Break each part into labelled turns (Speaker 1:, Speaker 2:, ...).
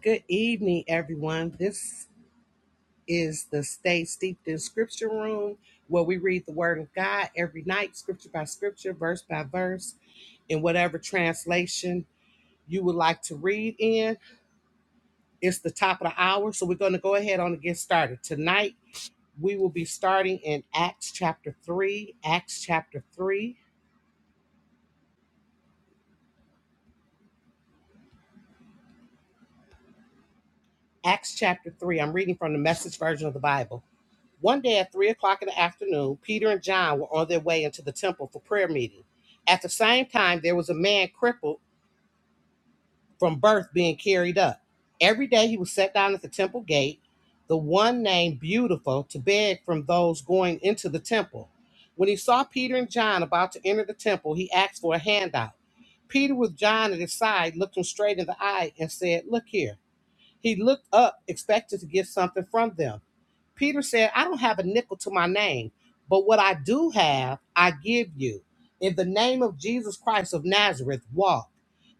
Speaker 1: Good evening, everyone. This is the Stay Steeped in Scripture Room where we read the Word of God every night, scripture by scripture, verse by verse, in whatever translation you would like to read in. It's the top of the hour, so we're going to go ahead on and get started. Tonight, we will be starting in Acts chapter 3, Acts chapter 3, Acts chapter 3. I'm reading from the message version of the Bible. One day at three o'clock in the afternoon, Peter and John were on their way into the temple for prayer meeting. At the same time, there was a man crippled from birth being carried up. Every day he was set down at the temple gate, the one named Beautiful, to beg from those going into the temple. When he saw Peter and John about to enter the temple, he asked for a handout. Peter, with John at his side, looked him straight in the eye and said, Look here. He looked up, expected to get something from them. Peter said, I don't have a nickel to my name, but what I do have, I give you. In the name of Jesus Christ of Nazareth, walk.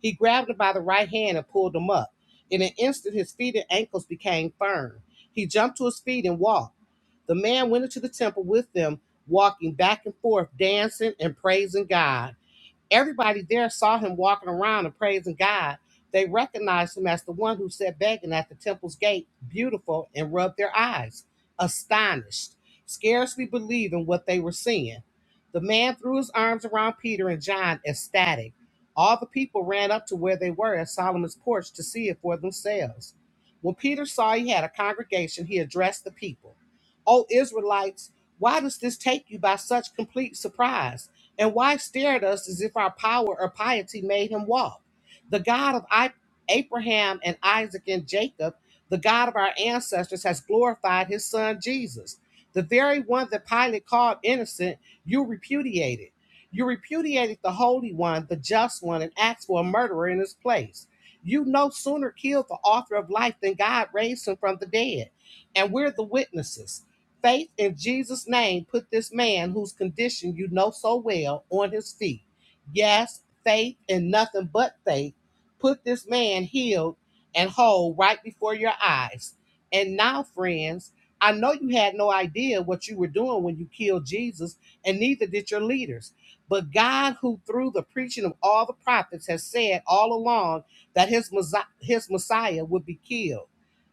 Speaker 1: He grabbed him by the right hand and pulled him up. In an instant, his feet and ankles became firm. He jumped to his feet and walked. The man went into the temple with them, walking back and forth, dancing and praising God. Everybody there saw him walking around and praising God. They recognized him as the one who sat begging at the temple's gate, beautiful, and rubbed their eyes, astonished, scarcely believing what they were seeing. The man threw his arms around Peter and John, ecstatic. All the people ran up to where they were at Solomon's porch to see it for themselves. When Peter saw he had a congregation, he addressed the people. O Israelites, why does this take you by such complete surprise? and why stare at us as if our power or piety made him walk? The God of I- Abraham and Isaac and Jacob, the God of our ancestors, has glorified his son Jesus. The very one that Pilate called innocent, you repudiated. You repudiated the Holy One, the Just One, and asked for a murderer in his place. You no sooner killed the author of life than God raised him from the dead. And we're the witnesses. Faith in Jesus' name put this man, whose condition you know so well, on his feet. Yes, faith and nothing but faith put this man healed and whole right before your eyes. And now, friends, I know you had no idea what you were doing when you killed Jesus, and neither did your leaders. But God, who through the preaching of all the prophets has said all along that his, Messiah- his Messiah would be killed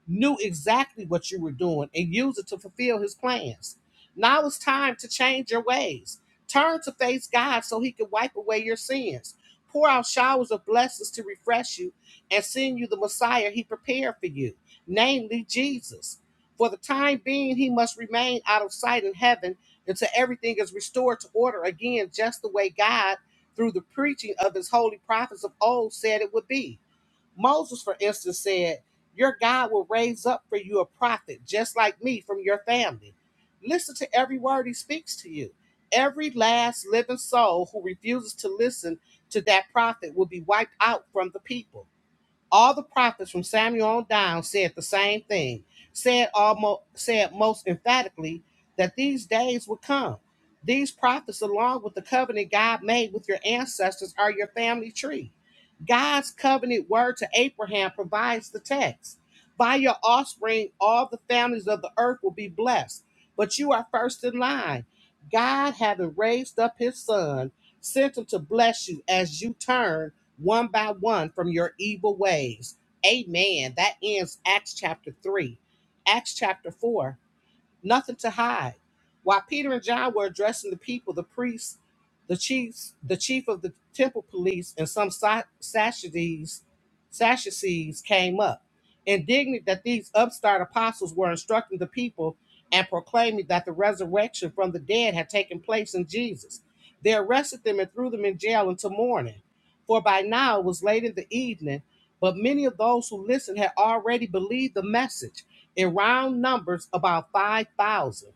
Speaker 1: knew exactly what you were doing and used it to fulfill his plans. Now it's time to change your ways. Turn to face God so he can wipe away your sins, pour out showers of blessings to refresh you, and send you the Messiah he prepared for you, namely Jesus. For the time being, he must remain out of sight in heaven until everything is restored to order again, just the way God, through the preaching of his holy prophets of old, said it would be. Moses, for instance, said, Your God will raise up for you a prophet just like me from your family. Listen to every word he speaks to you. Every last living soul who refuses to listen to that prophet will be wiped out from the people. All the prophets from Samuel on down said the same thing, said almost said most emphatically that these days would come. These prophets, along with the covenant God made with your ancestors, are your family tree. God's covenant word to Abraham provides the text. By your offspring, all the families of the earth will be blessed, but you are first in line. God, having raised up his son, sent him to bless you as you turn one by one from your evil ways. Amen. That ends Acts chapter 3. Acts chapter 4 nothing to hide. While Peter and John were addressing the people, the priests, the chiefs, the chief of the temple police, and some Sa- Sadducees, Sadducees came up, indignant that these upstart apostles were instructing the people and proclaiming that the resurrection from the dead had taken place in Jesus. They arrested them and threw them in jail until morning. For by now it was late in the evening, but many of those who listened had already believed the message in round numbers about 5,000.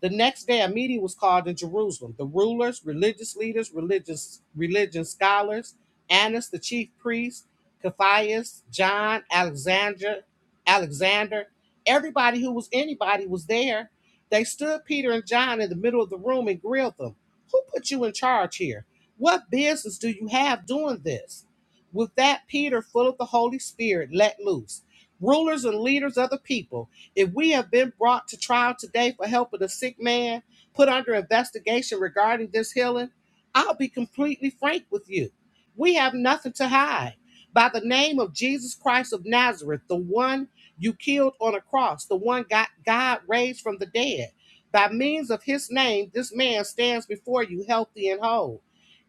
Speaker 1: The next day, a meeting was called in Jerusalem. The rulers, religious leaders, religious religion scholars, Annas, the chief priest, Caiaphas, John, Alexander, Alexander, everybody who was anybody was there. They stood Peter and John in the middle of the room and grilled them. Who put you in charge here? What business do you have doing this? With that, Peter, full of the Holy Spirit, let loose. Rulers and leaders of the people, if we have been brought to trial today for helping the sick man, put under investigation regarding this healing, I'll be completely frank with you. We have nothing to hide. By the name of Jesus Christ of Nazareth, the one you killed on a cross, the one God, God raised from the dead, by means of his name, this man stands before you healthy and whole.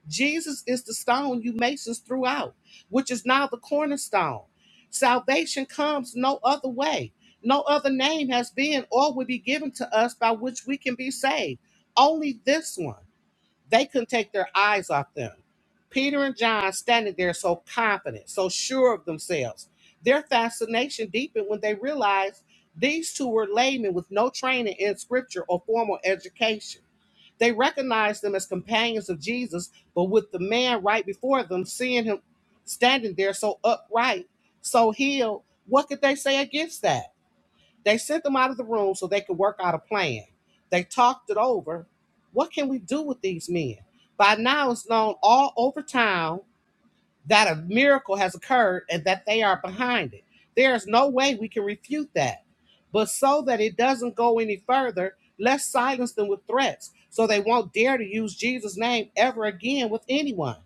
Speaker 1: Jesus is the stone you masons threw out, which is now the cornerstone. Salvation comes no other way. No other name has been or will be given to us by which we can be saved. Only this one. They couldn't take their eyes off them. Peter and John standing there so confident, so sure of themselves. Their fascination deepened when they realized these two were laymen with no training in scripture or formal education. They recognized them as companions of Jesus, but with the man right before them, seeing him standing there so upright, so healed, what could they say against that? They sent them out of the room so they could work out a plan. They talked it over. What can we do with these men? By now, it's known all over town that a miracle has occurred and that they are behind it. There is no way we can refute that. But so that it doesn't go any further, let's silence them with threats so they won't dare to use Jesus' name ever again with anyone.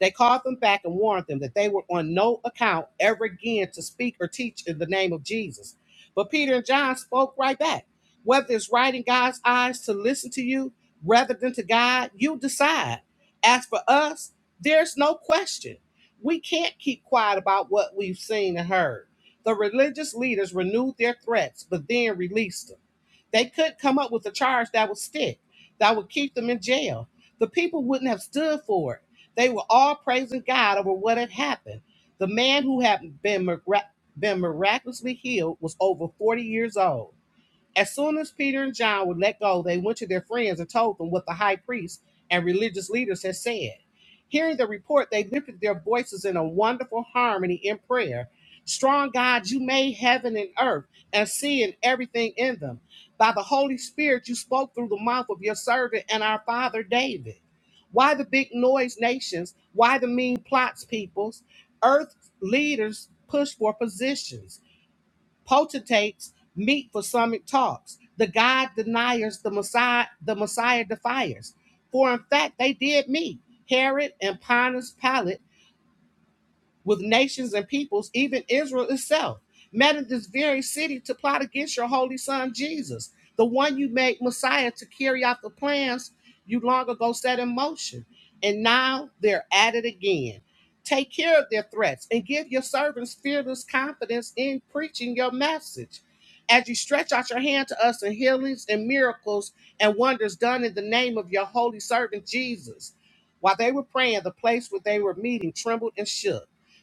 Speaker 1: They called them back and warned them that they were on no account ever again to speak or teach in the name of Jesus. But Peter and John spoke right back. Whether it's right in God's eyes to listen to you rather than to God, you decide. As for us, there's no question. We can't keep quiet about what we've seen and heard. The religious leaders renewed their threats, but then released them. They could not come up with a charge that would stick, that would keep them in jail. The people wouldn't have stood for it they were all praising God over what had happened. The man who had been, mirac- been miraculously healed was over 40 years old. As soon as Peter and John would let go, they went to their friends and told them what the high priest and religious leaders had said. Hearing the report, they lifted their voices in a wonderful harmony in prayer. Strong God, you made heaven and earth and sea and everything in them. By the Holy Spirit, you spoke through the mouth of your servant and our father David. Why the big noise nations? Why the mean plots peoples? Earth leaders push for positions potentates meet for summit talks. The God deniers, the Messiah, the Messiah defiers. For in fact, they did meet. Herod and Pontius Pilate with nations and peoples, even Israel itself, met in this very city to plot against your holy son Jesus, the one you made Messiah to carry out the plans you long ago set in motion. And now they're at it again. Take care of their threats and give your servants fearless confidence in preaching your message. As you stretch out your hand to us in healings and miracles and wonders done in the name of your holy servant Jesus. While they were praying, the place where they were meeting trembled and shook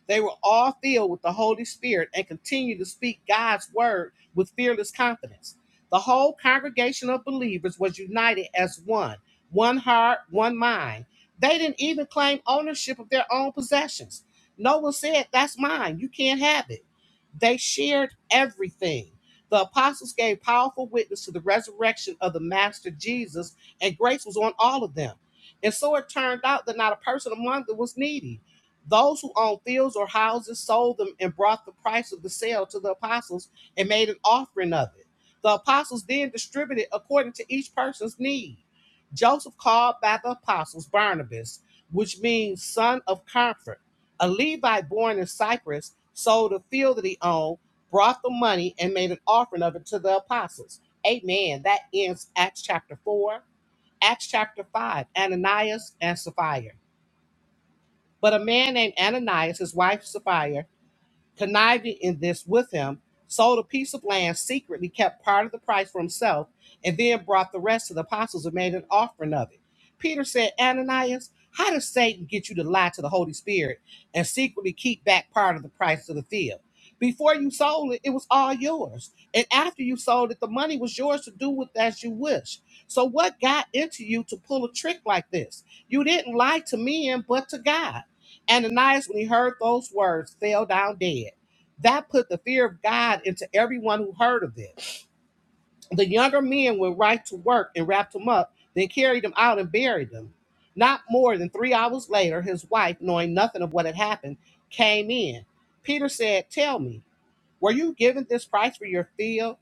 Speaker 1: they were all filled with the Holy Spirit and continued to speak God's word with fearless confidence. The whole congregation of believers was united as one, one heart, one mind. They didn't even claim ownership of their own possessions. No one said, That's mine, you can't have it. They shared everything. The apostles gave powerful witness to the resurrection of the Master Jesus, and grace was on all of them. And so it turned out that not a person among them was needy those who owned fields or houses sold them and brought the price of the sale to the apostles and made an offering of it. The apostles then distributed according to each person's need. Joseph called by the apostles Barnabas, which means son of comfort, a Levite born in Cyprus, sold a field that he owned, brought the money, and made an offering of it to the apostles. Amen. That ends Acts chapter 4. Acts chapter 5, Ananias and Sapphira. But a man named Ananias, his wife Sapphira, conniving in this with him, sold a piece of land secretly, kept part of the price for himself, and then brought the rest to the apostles and made an offering of it. Peter said, Ananias, how did Satan get you to lie to the Holy Spirit and secretly keep back part of the price of the field? Before you sold it, it was all yours. And after you sold it, the money was yours to do with as you wish. So, what got into you to pull a trick like this? You didn't lie to men, but to God. Ananias, when he heard those words, fell down dead. That put the fear of God into everyone who heard of it. The younger men went right to work and wrapped him up, then carried him out and buried him. Not more than three hours later, his wife, knowing nothing of what had happened, came in. Peter said, Tell me. Were you given this price for your field?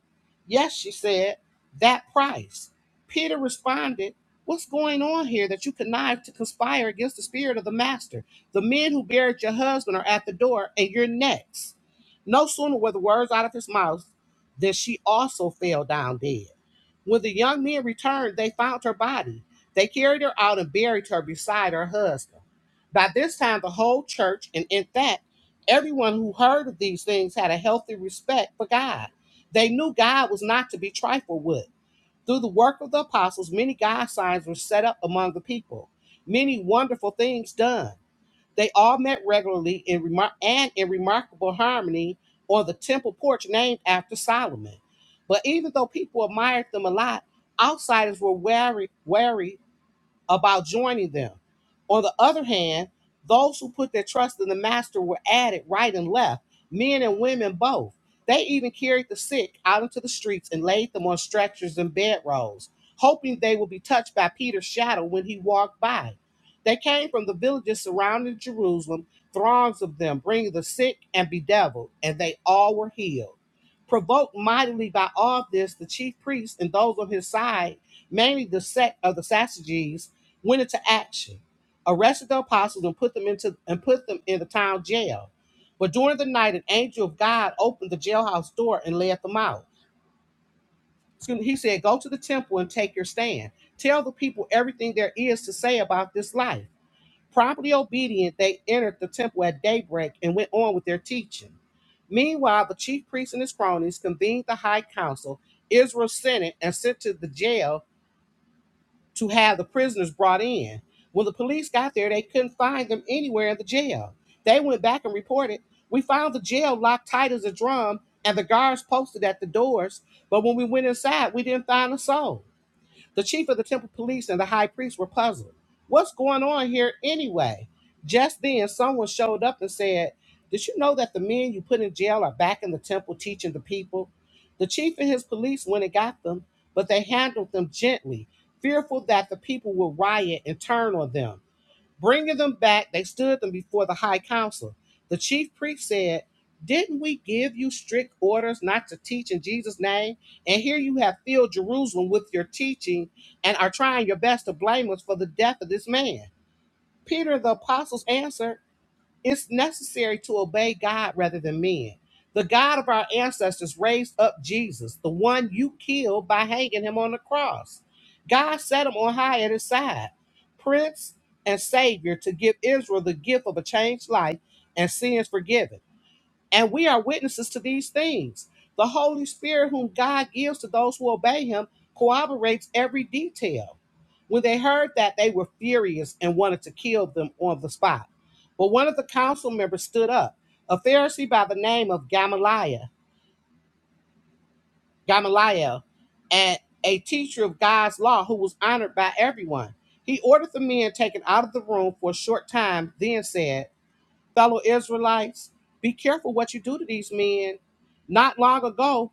Speaker 1: Yes, she said, that price. Peter responded, What's going on here that you connive to conspire against the spirit of the master? The men who buried your husband are at the door, and you're next. No sooner were the words out of his mouth than she also fell down dead. When the young men returned, they found her body. They carried her out and buried her beside her husband. By this time, the whole church, and in fact, Everyone who heard of these things had a healthy respect for God. They knew God was not to be trifled with. Through the work of the apostles, many God signs were set up among the people, many wonderful things done. They all met regularly in remar- and in remarkable harmony on the temple porch named after Solomon. But even though people admired them a lot, outsiders were wary, wary about joining them. On the other hand, those who put their trust in the master were added right and left, men and women both. They even carried the sick out into the streets and laid them on stretchers and bedrolls, hoping they would be touched by Peter's shadow when he walked by. They came from the villages surrounding Jerusalem, throngs of them, bringing the sick and bedeviled, and they all were healed. Provoked mightily by all this, the chief priests and those on his side, mainly the sect of the Sadducees, went into action, arrested the apostles, and put them into and put them in the town jail. But during the night, an angel of God opened the jailhouse door and led them out. He said, "Go to the temple and take your stand. Tell the people everything there is to say about this life." Promptly obedient, they entered the temple at daybreak and went on with their teaching. Meanwhile, the chief priest and his cronies convened the high council, Israel's senate, and sent to the jail to have the prisoners brought in. When the police got there, they couldn't find them anywhere in the jail. They went back and reported, We found the jail locked tight as a drum and the guards posted at the doors, but when we went inside, we didn't find a soul. The chief of the temple police and the high priest were puzzled. What's going on here anyway? Just then, someone showed up and said, Did you know that the men you put in jail are back in the temple teaching the people? The chief and his police went and got them, but they handled them gently, fearful that the people would riot and turn on them. Bringing them back, they stood them before the high council. The chief priest said, Didn't we give you strict orders not to teach in Jesus' name? And here you have filled Jerusalem with your teaching and are trying your best to blame us for the death of this man. Peter the apostles answered, it's necessary to obey God rather than men. The God of our ancestors raised up Jesus, the one you killed by hanging him on the cross. God set him on high at his side, Prince and Savior, to give Israel the gift of a changed life and sins forgiven and we are witnesses to these things. The Holy Spirit, whom God gives to those who obey him, corroborates every detail. When they heard that, they were furious and wanted to kill them on the spot. But one of the council members stood up, a Pharisee by the name of Gamaliel, Gamaliel, and a teacher of God's law who was honored by everyone. He ordered the men taken out of the room for a short time, then said, fellow Israelites, be careful what you do to these men. Not long ago,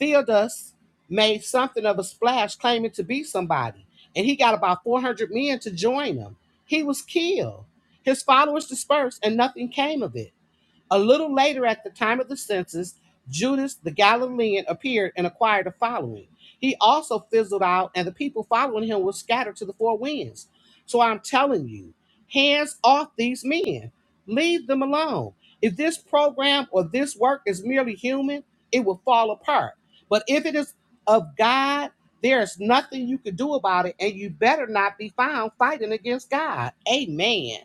Speaker 1: Theudas made something of a splash claiming to be somebody, and he got about 400 men to join him. He was killed, his followers dispersed, and nothing came of it. A little later, at the time of the census, Judas the Galilean appeared and acquired a following. He also fizzled out, and the people following him were scattered to the four winds. So I'm telling you, hands off these men. Leave them alone. If this program or this work is merely human, it will fall apart. But if it is of God, there is nothing you can do about it, and you better not be found fighting against God. Amen.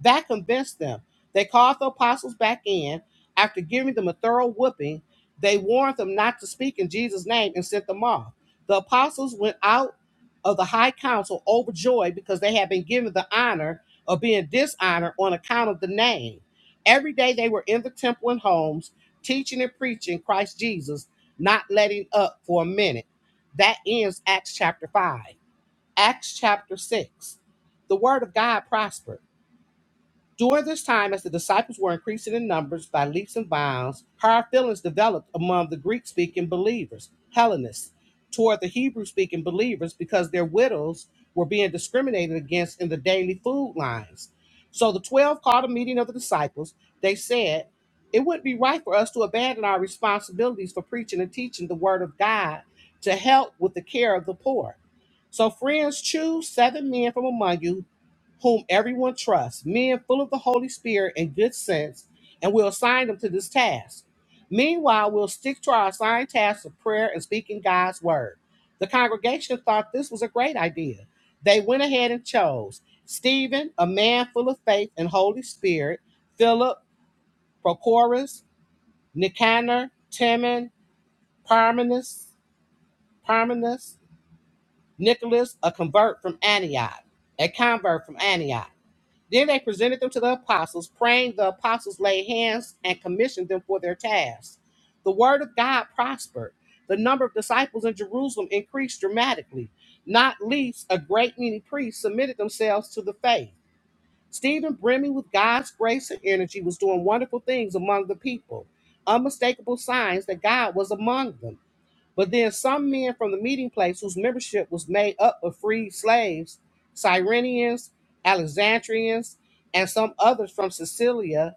Speaker 1: That convinced them. They called the apostles back in. After giving them a thorough whipping, they warned them not to speak in Jesus' name and sent them off. The apostles went out of the high council overjoyed because they had been given the honor of being dishonored on account of the name. Every day they were in the temple and homes, teaching and preaching Christ Jesus, not letting up for a minute. That ends Acts chapter 5. Acts chapter 6. The word of God prospered during this time, as the disciples were increasing in numbers by leaps and bounds, hard feelings developed among the Greek speaking believers, Hellenists, toward the Hebrew speaking believers because their widows were being discriminated against in the daily food lines. So the 12 called a meeting of the disciples. They said, It wouldn't be right for us to abandon our responsibilities for preaching and teaching the word of God to help with the care of the poor. So, friends, choose seven men from among you whom everyone trusts, men full of the Holy Spirit and good sense, and we'll assign them to this task. Meanwhile, we'll stick to our assigned tasks of prayer and speaking God's word. The congregation thought this was a great idea. They went ahead and chose Stephen, a man full of faith and Holy Spirit, Philip, Prochorus, Nicanor, Timon, Parmenas, Parmenas, Nicholas, a convert from Antioch, a convert from Antioch. Then they presented them to the apostles, praying the apostles laid hands and commissioned them for their tasks. The word of God prospered. The number of disciples in Jerusalem increased dramatically. Not least, a great many priests submitted themselves to the faith. Stephen, brimming with God's grace and energy, was doing wonderful things among the people, unmistakable signs that God was among them. But then some men from the meeting place whose membership was made up of free slaves, Cyrenians, Alexandrians, and some others from Sicilia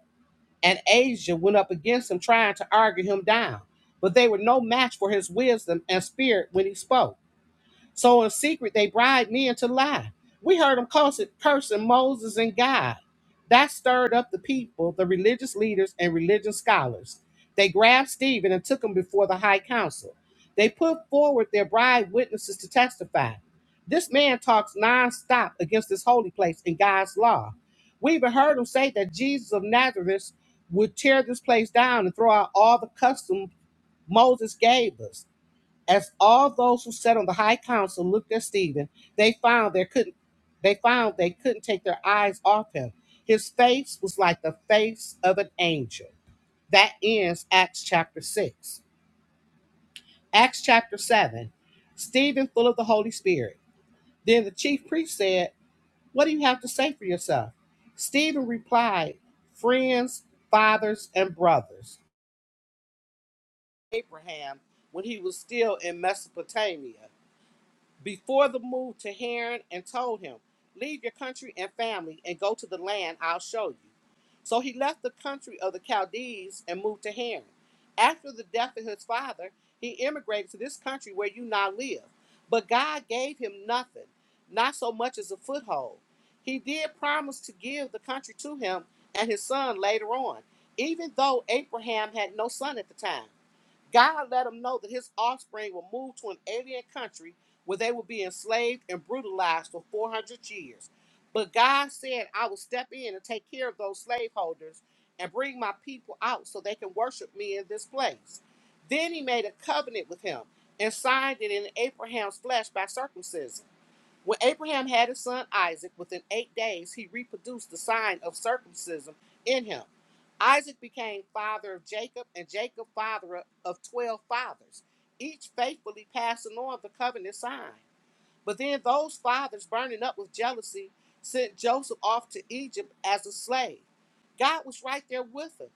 Speaker 1: and Asia went up against him trying to argue him down. But they were no match for his wisdom and spirit when he spoke. So in secret, they bribed men to lie. We heard them cursing, cursing Moses and God. That stirred up the people, the religious leaders, and religious scholars. They grabbed Stephen and took him before the high council. They put forward their bribed witnesses to testify. This man talks nonstop against this holy place and God's law. We even heard him say that Jesus of Nazareth would tear this place down and throw out all the customs Moses gave us. As all those who sat on the high council looked at Stephen, they found they couldn't they found they couldn't take their eyes off him. His face was like the face of an angel. That ends Acts chapter 6. Acts chapter 7. Stephen full of the Holy Spirit. Then the chief priest said, "What do you have to say for yourself?" Stephen replied, "Friends, fathers, and brothers, Abraham when he was still in Mesopotamia. before the move to Haran and told him, Leave your country and family and go to the land I'll show you. So he left the country of the Chaldees and moved to Haran. After the death of his father, he immigrated to this country where you now live. But God gave him nothing, not so much as a foothold. He did promise to give the country to him and his son later on, even though Abraham had no son at the time. God let him know that his offspring will move to an alien country where they will be enslaved and brutalized for 400 years. But God said, I will step in and take care of those slaveholders and bring my people out so they can worship me in this place. Then he made a covenant with him and signed it in Abraham's flesh by circumcision. When Abraham had his son Isaac, within eight days he reproduced the sign of circumcision in him. Isaac became father of Jacob, and Jacob father of twelve fathers, each faithfully passing on the covenant sign. But then those fathers, burning up with jealousy, sent Joseph off to Egypt as a slave. God was right there with him,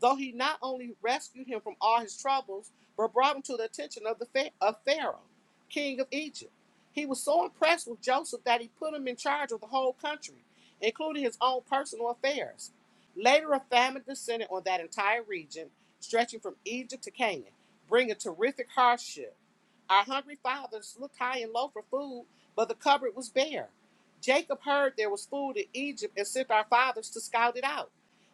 Speaker 1: though he not only rescued him from all his troubles, but brought him to the attention of the Pha- of Pharaoh, king of Egypt. He was so impressed with Joseph that he put him in charge of the whole country, including his own personal affairs. Later, a famine descended on that entire region, stretching from Egypt to Canaan, bringing terrific hardship. Our hungry fathers looked high and low for food, but the cupboard was bare. Jacob heard there was food in Egypt and sent our fathers to scout it out.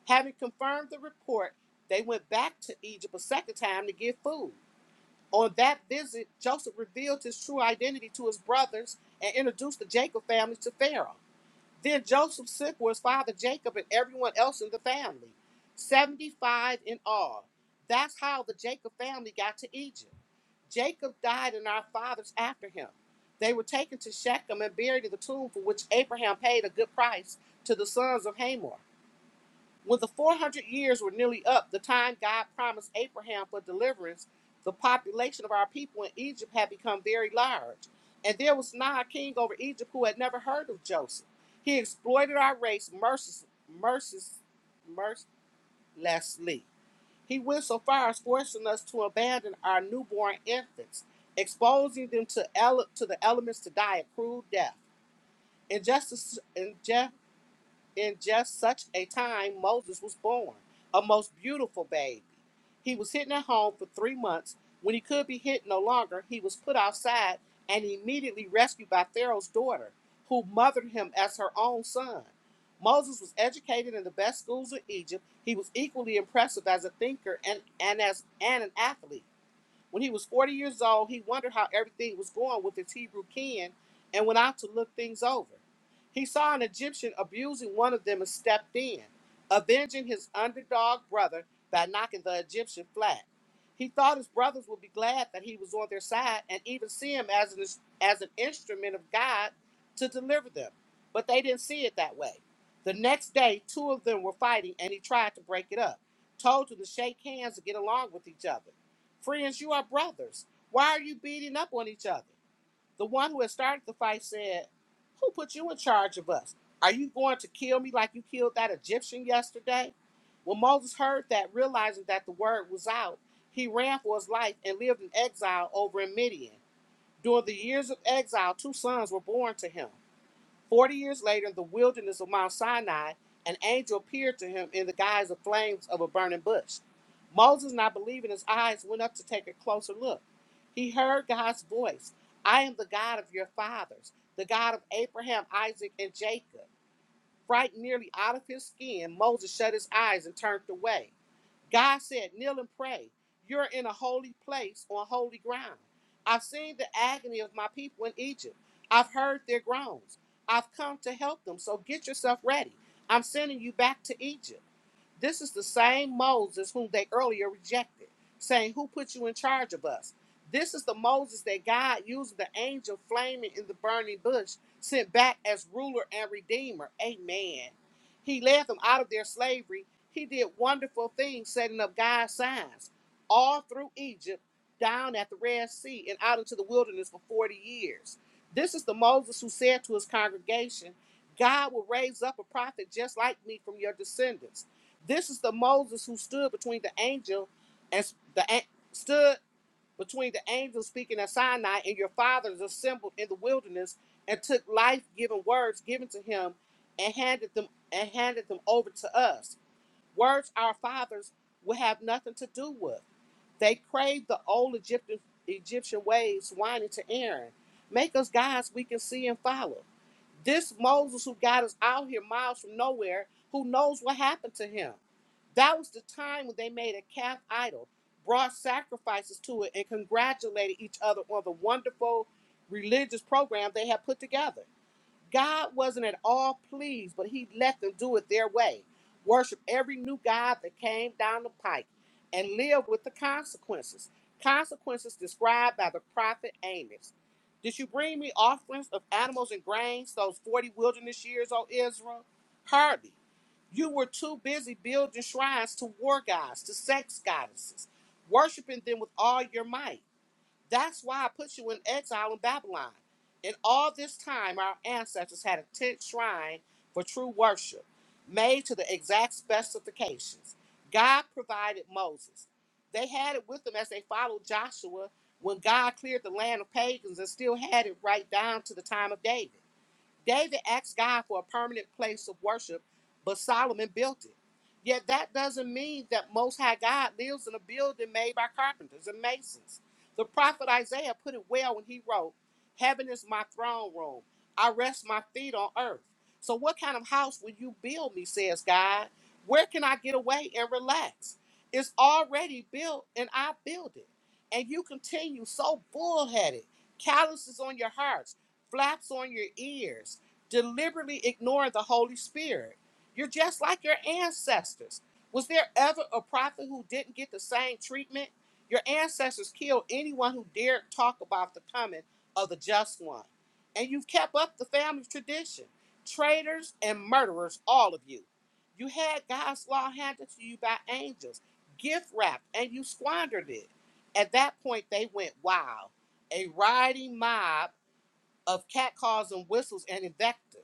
Speaker 1: Having confirmed the report, they went back to Egypt a second time to get food. On that visit, Joseph revealed his true identity to his brothers and introduced the Jacob family to Pharaoh. Then Joseph sick was father Jacob and everyone else in the family, 75 in all. That's how the Jacob family got to Egypt. Jacob died and our fathers after him. They were taken to Shechem and buried in the tomb for which Abraham paid a good price to the sons of Hamor. When the 400 years were nearly up, the time God promised Abraham for deliverance, the population of our people in Egypt had become very large. And there was now a king over Egypt who had never heard of Joseph. He exploited our race mercis- mercis- mercilessly. He went so far as forcing us to abandon our newborn infants, exposing them to, ele- to the elements to die a cruel death. Injustice, inje- in just such a time Moses was born, a most beautiful baby. He was hidden at home for three months. When he could be hidden no longer, he was put outside and immediately rescued by Pharaoh's daughter, who mothered him as her own son. Moses was educated in the best schools of Egypt. He was equally impressive as a thinker and, and as and an athlete. When he was 40 years old, he wondered how everything was going with his Hebrew kin and went out to look things over. He saw an Egyptian abusing one of them and stepped in, avenging his underdog brother by knocking the Egyptian flat. He thought his brothers would be glad that he was on their side and even see him as an, as an instrument of God to deliver them. But they didn't see it that way. The next day, two of them were fighting and he tried to break it up, told them to shake hands and get along with each other. Friends, you are brothers. Why are you beating up on each other? The one who had started the fight said, Who put you in charge of us? Are you going to kill me like you killed that Egyptian yesterday? When Moses heard that, realizing that the word was out, he ran for his life and lived in exile over in Midian. During the years of exile, two sons were born to him. Forty years later, in the wilderness of Mount Sinai, an angel appeared to him in the guise of flames of a burning bush. Moses, not believing his eyes, went up to take a closer look. He heard God's voice I am the God of your fathers, the God of Abraham, Isaac, and Jacob. Frightened nearly out of his skin, Moses shut his eyes and turned away. God said, Kneel and pray. You're in a holy place on holy ground. I've seen the agony of my people in Egypt. I've heard their groans. I've come to help them. So get yourself ready. I'm sending you back to Egypt. This is the same Moses whom they earlier rejected, saying, Who put you in charge of us? This is the Moses that God, using the angel flaming in the burning bush, sent back as ruler and redeemer. Amen. He led them out of their slavery. He did wonderful things, setting up God's signs all through Egypt, down at the Red Sea, and out into the wilderness for 40 years. This is the Moses who said to his congregation, God will raise up a prophet just like me from your descendants this is the Moses who stood between the angel and the stood between the angel speaking at Sinai and your fathers assembled in the wilderness and took life-giving words given to him and handed them and handed them over to us. Words our fathers would have nothing to do with. They craved the old Egyptian Egyptian ways whining to Aaron. Make us gods we can see and follow. This Moses who got us out here miles from nowhere, who knows what happened to him. That was the time when they made a calf idol, brought sacrifices to it, and congratulated each other on the wonderful religious program they had put together. God wasn't at all pleased, but he let them do it their way. Worship every new God that came down the pike and live with the consequences. Consequences described by the prophet Amos. Did you bring me offerings of animals and grains those 40 wilderness years, O Israel? Hardly. You were too busy building shrines to war gods, to sex goddesses, worshiping them with all your might. That's why I put you in exile in Babylon. In all this time, our ancestors had a tent shrine for true worship, made to the exact specifications. God provided Moses. They had it with them as they followed Joshua when God cleared the land of pagans and still had it right down to the time of David. David asked God for a permanent place of worship, but Solomon built it. Yet that doesn't mean that Most High God lives in a building made by carpenters and masons. The prophet Isaiah put it well when he wrote, Heaven is my throne room. I rest my feet on earth. So, what kind of house will you build me, says God? Where can I get away and relax? It's already built and I build it. And you continue so bullheaded, calluses on your hearts flaps on your ears, deliberately ignore the Holy Spirit. You're just like your ancestors. Was there ever a prophet who didn't get the same treatment? Your ancestors killed anyone who dared talk about the coming of the just one. And you've kept up the family tradition. Traitors and murderers, all of you. You had God's law handed to you by angels, gift wrapped, and you squandered it. At that point, they went wild. A rioting mob of cat calls and whistles and invective.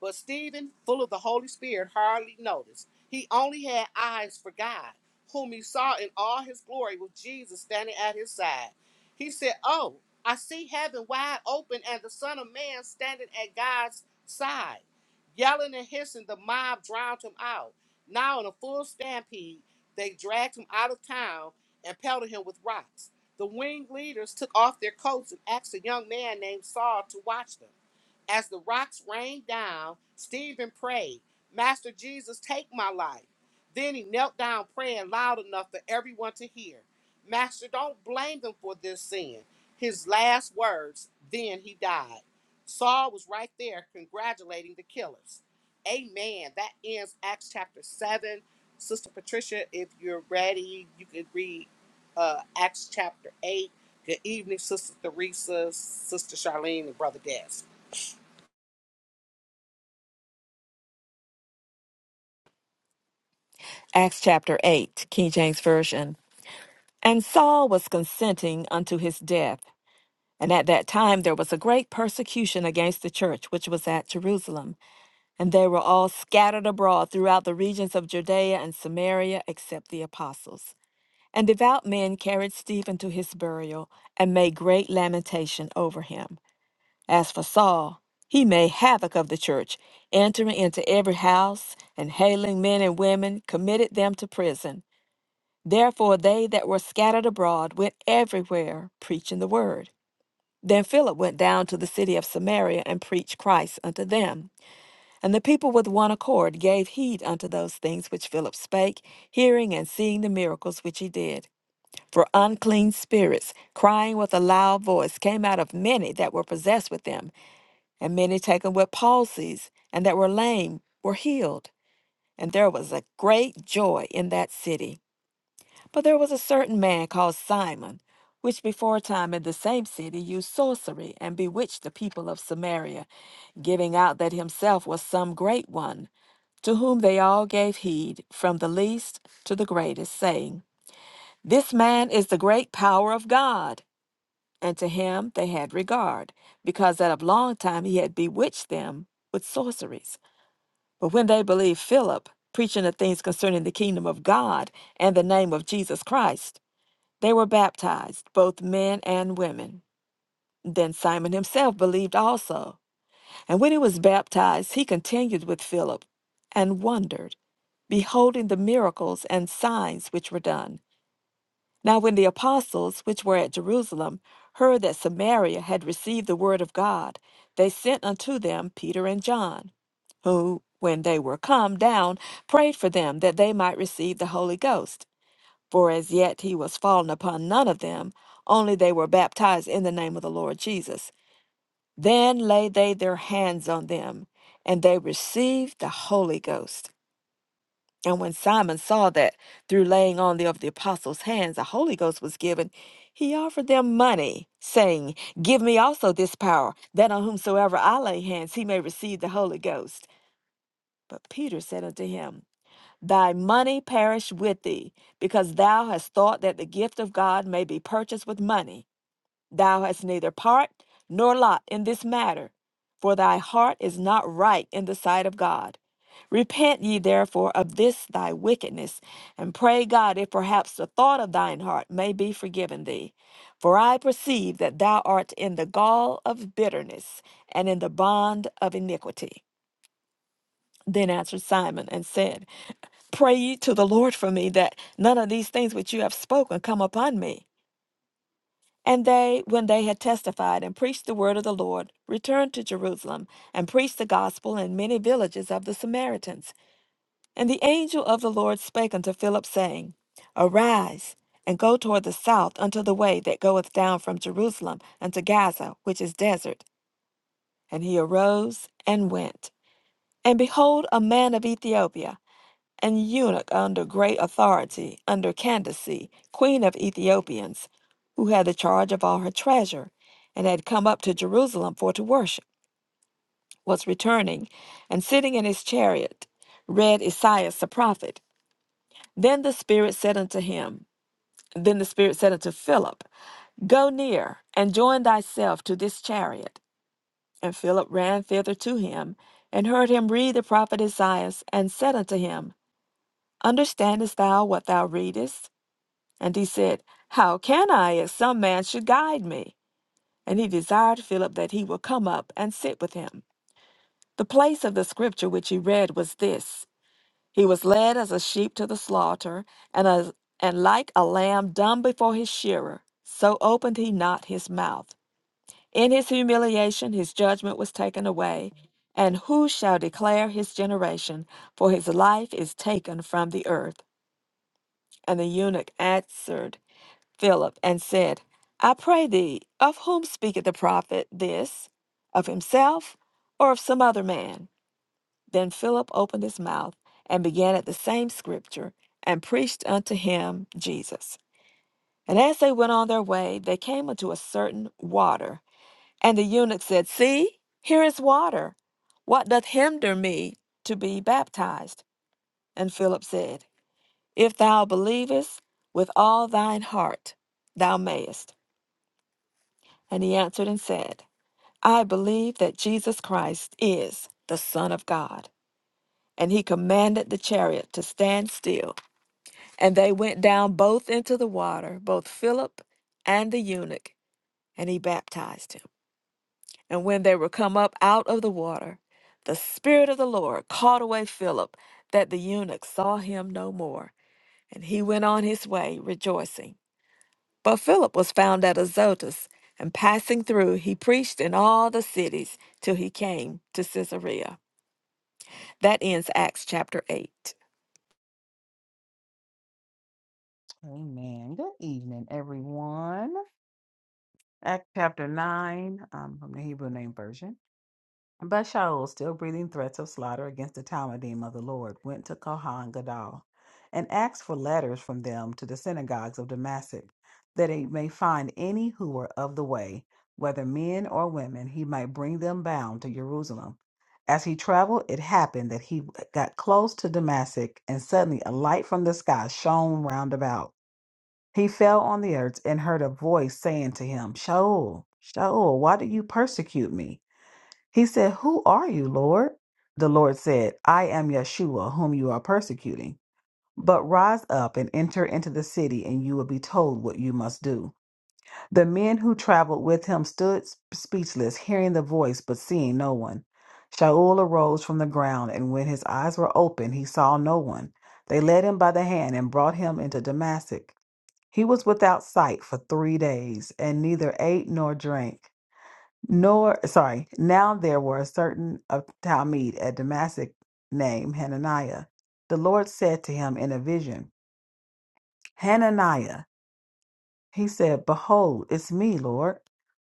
Speaker 1: But Stephen, full of the Holy Spirit, hardly noticed. He only had eyes for God, whom he saw in all his glory with Jesus standing at his side. He said, Oh, I see heaven wide open and the Son of Man standing at God's side. Yelling and hissing, the mob drowned him out. Now, in a full stampede, they dragged him out of town and pelted him with rocks. The wing leaders took off their coats and asked a young man named Saul to watch them. As the rocks rained down, Stephen prayed, Master Jesus, take my life. Then he knelt down praying loud enough for everyone to hear. Master, don't blame them for this sin. His last words, then he died. Saul was right there congratulating the killers. Amen. That ends Acts chapter 7. Sister Patricia, if you're ready, you can read uh, Acts chapter 8. Good evening, Sister Theresa, Sister Charlene, and Brother Des.
Speaker 2: Acts chapter 8, King James Version. And Saul was consenting unto his death. And at that time there was a great persecution against the church which was at Jerusalem. And they were all scattered abroad throughout the regions of Judea and Samaria, except the apostles. And devout men carried Stephen to his burial and made great lamentation over him. As for Saul, he made havoc of the church, entering into every house and hailing men and women, committed them to prison Therefore, they that were scattered abroad went everywhere preaching the word. Then Philip went down to the city of Samaria and preached Christ unto them. And the people with one accord gave heed unto those things which Philip spake, hearing and seeing the miracles which he did. For unclean spirits, crying with a loud voice, came out of many that were possessed with them, and many taken with palsies, and that were lame, were healed. And there was a great joy in that city. But there was a certain man called Simon, which before time in the same city used sorcery and bewitched the people of Samaria, giving out that himself was some great one, to whom they all gave heed, from the least to the greatest, saying, This man is the great power of God. And to him they had regard, because that of long time he had bewitched them with sorceries. But when they believed Philip, preaching the things concerning the kingdom of God and the name of Jesus Christ, they were baptized, both men and women. Then Simon himself believed also. And when he was baptized, he continued with Philip and wondered, beholding the miracles and signs which were done. Now, when the apostles, which were at Jerusalem, heard that Samaria had received the word of God, they sent unto them Peter and John, who, when they were come down, prayed for them that they might receive the Holy Ghost. For as yet he was fallen upon none of them, only they were baptized in the name of the Lord Jesus. Then laid they their hands on them, and they received the Holy Ghost. And when Simon saw that through laying on the, of the apostles' hands the Holy Ghost was given, he offered them money, saying, Give me also this power, that on whomsoever I lay hands he may receive the Holy Ghost. But Peter said unto him, Thy money perish with thee, because thou hast thought that the gift of God may be purchased with money. Thou hast neither part nor lot in this matter, for thy heart is not right in the sight of God. Repent ye therefore of this thy wickedness, and pray God if perhaps the thought of thine heart may be forgiven thee. For I perceive that thou art in the gall of bitterness and in the bond of iniquity. Then answered Simon and said, Pray ye to the Lord for me that none of these things which you have spoken come upon me. And they, when they had testified and preached the word of the Lord, returned to Jerusalem and preached the gospel in many villages of the Samaritans. And the angel of the Lord spake unto Philip, saying, Arise and go toward the south unto the way that goeth down from Jerusalem unto Gaza, which is desert. And he arose and went. And behold, a man of Ethiopia an eunuch under great authority, under Candace, queen of Ethiopians, who had the charge of all her treasure, and had come up to Jerusalem for to worship, was returning, and sitting in his chariot, read Esaias the prophet. Then the Spirit said unto him, Then the Spirit said unto Philip, Go near, and join thyself to this chariot. And Philip ran thither to him, and heard him read the prophet Esaias, and said unto him, Understandest thou what thou readest? And he said, How can I if some man should guide me? And he desired Philip that he would come up and sit with him. The place of the scripture which he read was this He was led as a sheep to the slaughter, and, as, and like a lamb dumb before his shearer, so opened he not his mouth. In his humiliation his judgment was taken away. And who shall declare his generation? For his life is taken from the earth. And the eunuch answered, Philip and said, I pray thee, of whom speaketh the prophet this? Of himself or of some other man? Then Philip opened his mouth and began at the same scripture and preached unto him Jesus. And as they went on their way, they came unto a certain water. And the eunuch said, See, here is water. What doth hinder me to be baptized? And Philip said, If thou believest with all thine heart, thou mayest. And he answered and said, I believe that Jesus Christ is the Son of God. And he commanded the chariot to stand still. And they went down both into the water, both Philip and the eunuch, and he baptized him. And when they were come up out of the water, the Spirit of the Lord caught away Philip, that the eunuch saw him no more. And he went on his way rejoicing. But Philip was found at Azotus, and passing through, he preached in all the cities till he came to Caesarea. That ends Acts chapter 8.
Speaker 3: Amen. Good evening, everyone. Act chapter 9 um, from the Hebrew Name Version. But Shaul, still breathing threats of slaughter against the Talmudim of the Lord, went to Kohan Gadol and asked for letters from them to the synagogues of Damascus, that he may find any who were of the way, whether men or women, he might bring them bound to Jerusalem. As he traveled, it happened that he got close to Damascus, and suddenly a light from the sky shone round about. He fell on the earth and heard a voice saying to him, Shaul, Shaul, why do you persecute me? He said, Who are you, Lord? The Lord said, I am Yeshua, whom you are persecuting. But rise up and enter into the city, and you will be told what you must do. The men who traveled with him stood speechless, hearing the voice, but seeing no one. Shaul arose from the ground, and when his eyes were open, he saw no one. They led him by the hand and brought him into Damascus. He was without sight for three days, and neither ate nor drank. Nor sorry, now there were a certain of Talmud at Damascus named Hananiah. The Lord said to him in a vision, Hananiah. He said, Behold, it's me, Lord.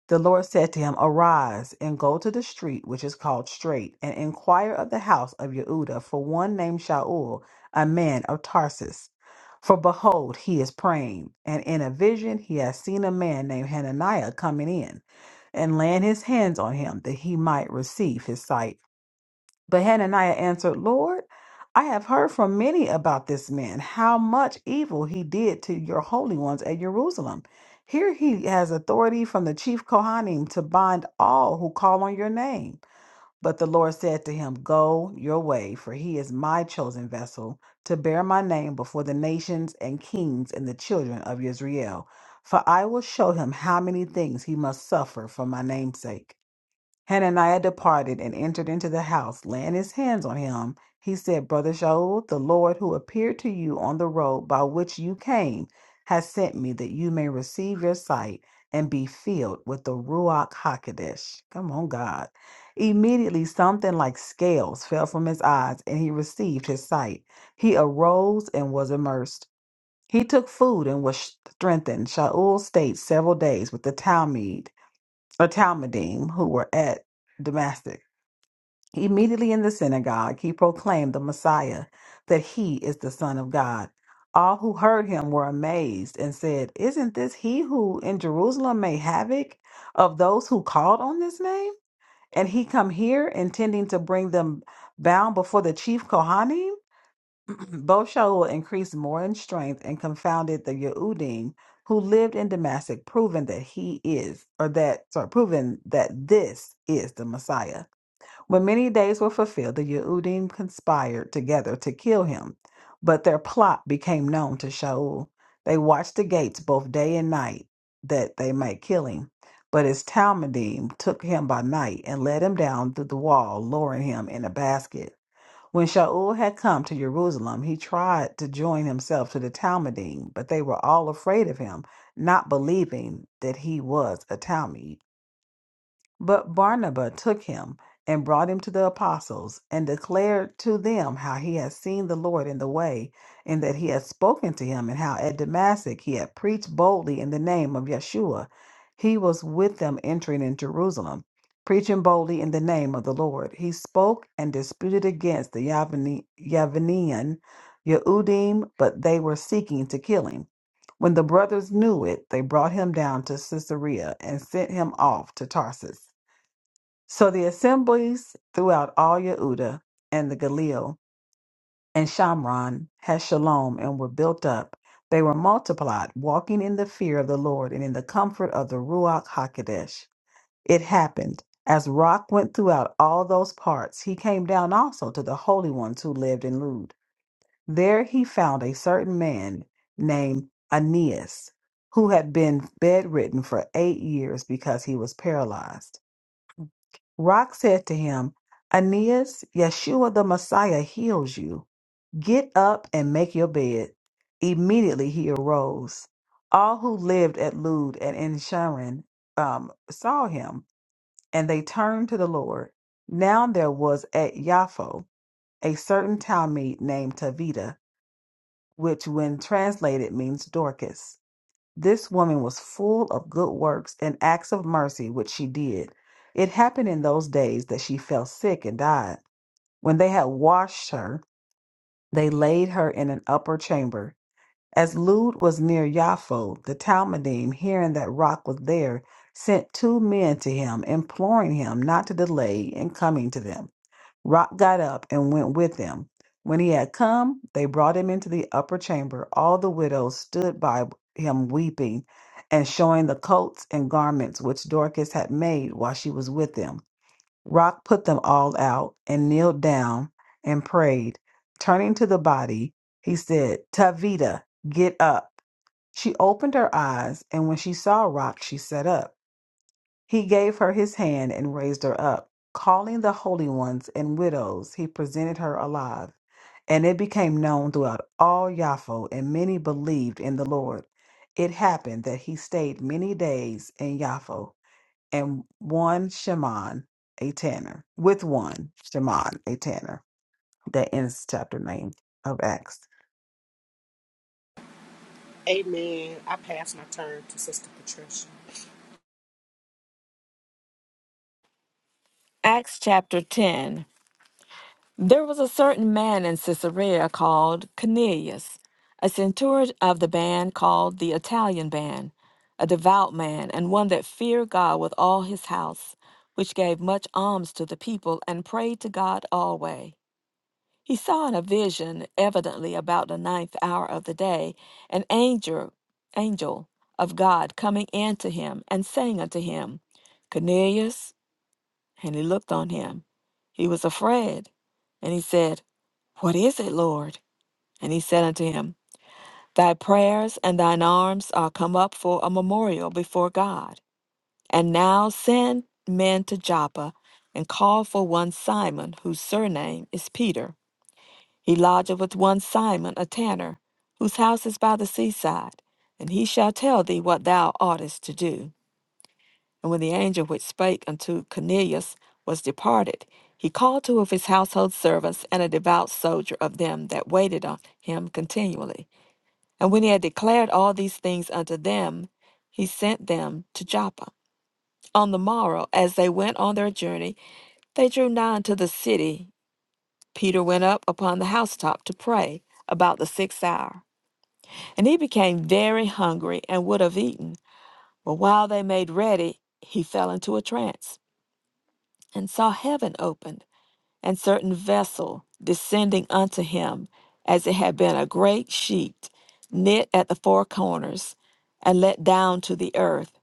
Speaker 3: The Lord said to him, Arise and go to the street which is called Straight, and inquire of the house of Yehuda for one named Shaul, a man of Tarsus. For behold, he is praying, and in a vision he has seen a man named Hananiah coming in and laying his hands on him that he might receive his sight. But Hananiah answered, Lord, I have heard from many about this man, how much evil he did to your holy ones at Jerusalem. Here he has authority from the chief Kohanim to bind all who call on your name. But the Lord said to him, Go your way, for he is my chosen vessel to bear my name before the nations and kings and the children of Israel. For I will show him how many things he must suffer for my name'sake." Hananiah departed and entered into the house, laying his hands on him. He said, Brother Shaul, the Lord who appeared to you on the road by which you came has sent me that you may receive your sight and be filled with the Ruach HaKodesh. Come on, God. Immediately, something like scales fell from his eyes and he received his sight. He arose and was immersed. He took food and was strengthened. Shaul stayed several days with the Talmud a Talmudim who were at Damascus. Immediately in the synagogue, he proclaimed the Messiah, that he is the Son of God. All who heard him were amazed and said, Isn't this he who in Jerusalem made havoc of those who called on this name? And he come here intending to bring them bound before the chief Kohanim? Boshai will increase more in strength and confounded the Yehudim who lived in Damascus, proving that he is, or that, sorry, proving that this is the Messiah. When many days were fulfilled, the Yehudim conspired together to kill him, but their plot became known to Shaul. They watched the gates both day and night that they might kill him. But his Talmudim took him by night and led him down through the wall, lowering him in a basket. When Shaul had come to Jerusalem, he tried to join himself to the Talmudim, but they were all afraid of him, not believing that he was a Talmud. But Barnabas took him and brought him to the apostles and declared to them how he had seen the Lord in the way and that he had spoken to him and how at Damascus he had preached boldly in the name of Yeshua. He was with them entering in Jerusalem, preaching boldly in the name of the Lord. He spoke and disputed against the Yavani- Yavanian Yehudim, but they were seeking to kill him. When the brothers knew it, they brought him down to Caesarea and sent him off to Tarsus. So the assemblies throughout all Yehuda and the Galil and Shamron had shalom and were built up. They were multiplied, walking in the fear of the Lord and in the comfort of the Ruach Hakodesh. It happened as Rock went throughout all those parts, he came down also to the holy ones who lived in Lud. There he found a certain man named Aeneas, who had been bedridden for eight years because he was paralyzed. Rock said to him, Aeneas, Yeshua the Messiah heals you. Get up and make your bed. Immediately he arose. All who lived at Lud and in Sharon um, saw him, and they turned to the Lord. Now there was at Yaffo a certain Talmud named Tavita, which when translated means Dorcas. This woman was full of good works and acts of mercy which she did. It happened in those days that she fell sick and died. When they had washed her, they laid her in an upper chamber. As Lud was near Jaffo, the Talmudim, hearing that Rock was there, sent two men to him, imploring him not to delay in coming to them. Rock got up and went with them. When he had come, they brought him into the upper chamber. All the widows stood by him weeping and showing the coats and garments which Dorcas had made while she was with them. Rock put them all out and kneeled down and prayed. Turning to the body, he said, Tavita, get up. She opened her eyes, and when she saw Rock, she sat up. He gave her his hand and raised her up. Calling the holy ones and widows, he presented her alive. And it became known throughout all Yafo, and many believed in the Lord. It happened that he stayed many days in Yafo, and one Shimon, a tanner, with one Shimon, a tanner. That ends chapter 9 of Acts.
Speaker 1: Amen. I pass my turn to Sister Patricia.
Speaker 2: Acts chapter 10. There was a certain man in Caesarea called Cornelius, a centurion of the band called the Italian band, a devout man, and one that feared God with all his house, which gave much alms to the people and prayed to God always. He saw in a vision, evidently about the ninth hour of the day, an angel, angel of God coming in to him and saying unto him, Cornelius. And he looked on him. He was afraid. And he said, What is it, Lord? And he said unto him, Thy prayers and thine arms are come up for a memorial before God. And now send men to Joppa and call for one Simon, whose surname is Peter he lodgeth with one Simon, a tanner, whose house is by the seaside, and he shall tell thee what thou oughtest to do. And when the angel which spake unto Cornelius was departed, he called two of his household servants and a devout soldier of them that waited on him continually. And when he had declared all these things unto them, he sent them to Joppa. On the morrow, as they went on their journey, they drew nigh unto the city. Peter went up upon the housetop to pray about the sixth hour. And he became very hungry and would have eaten. But while they made ready, he fell into a trance and saw heaven opened and certain vessel descending unto him, as it had been a great sheet knit at the four corners and let down to the earth,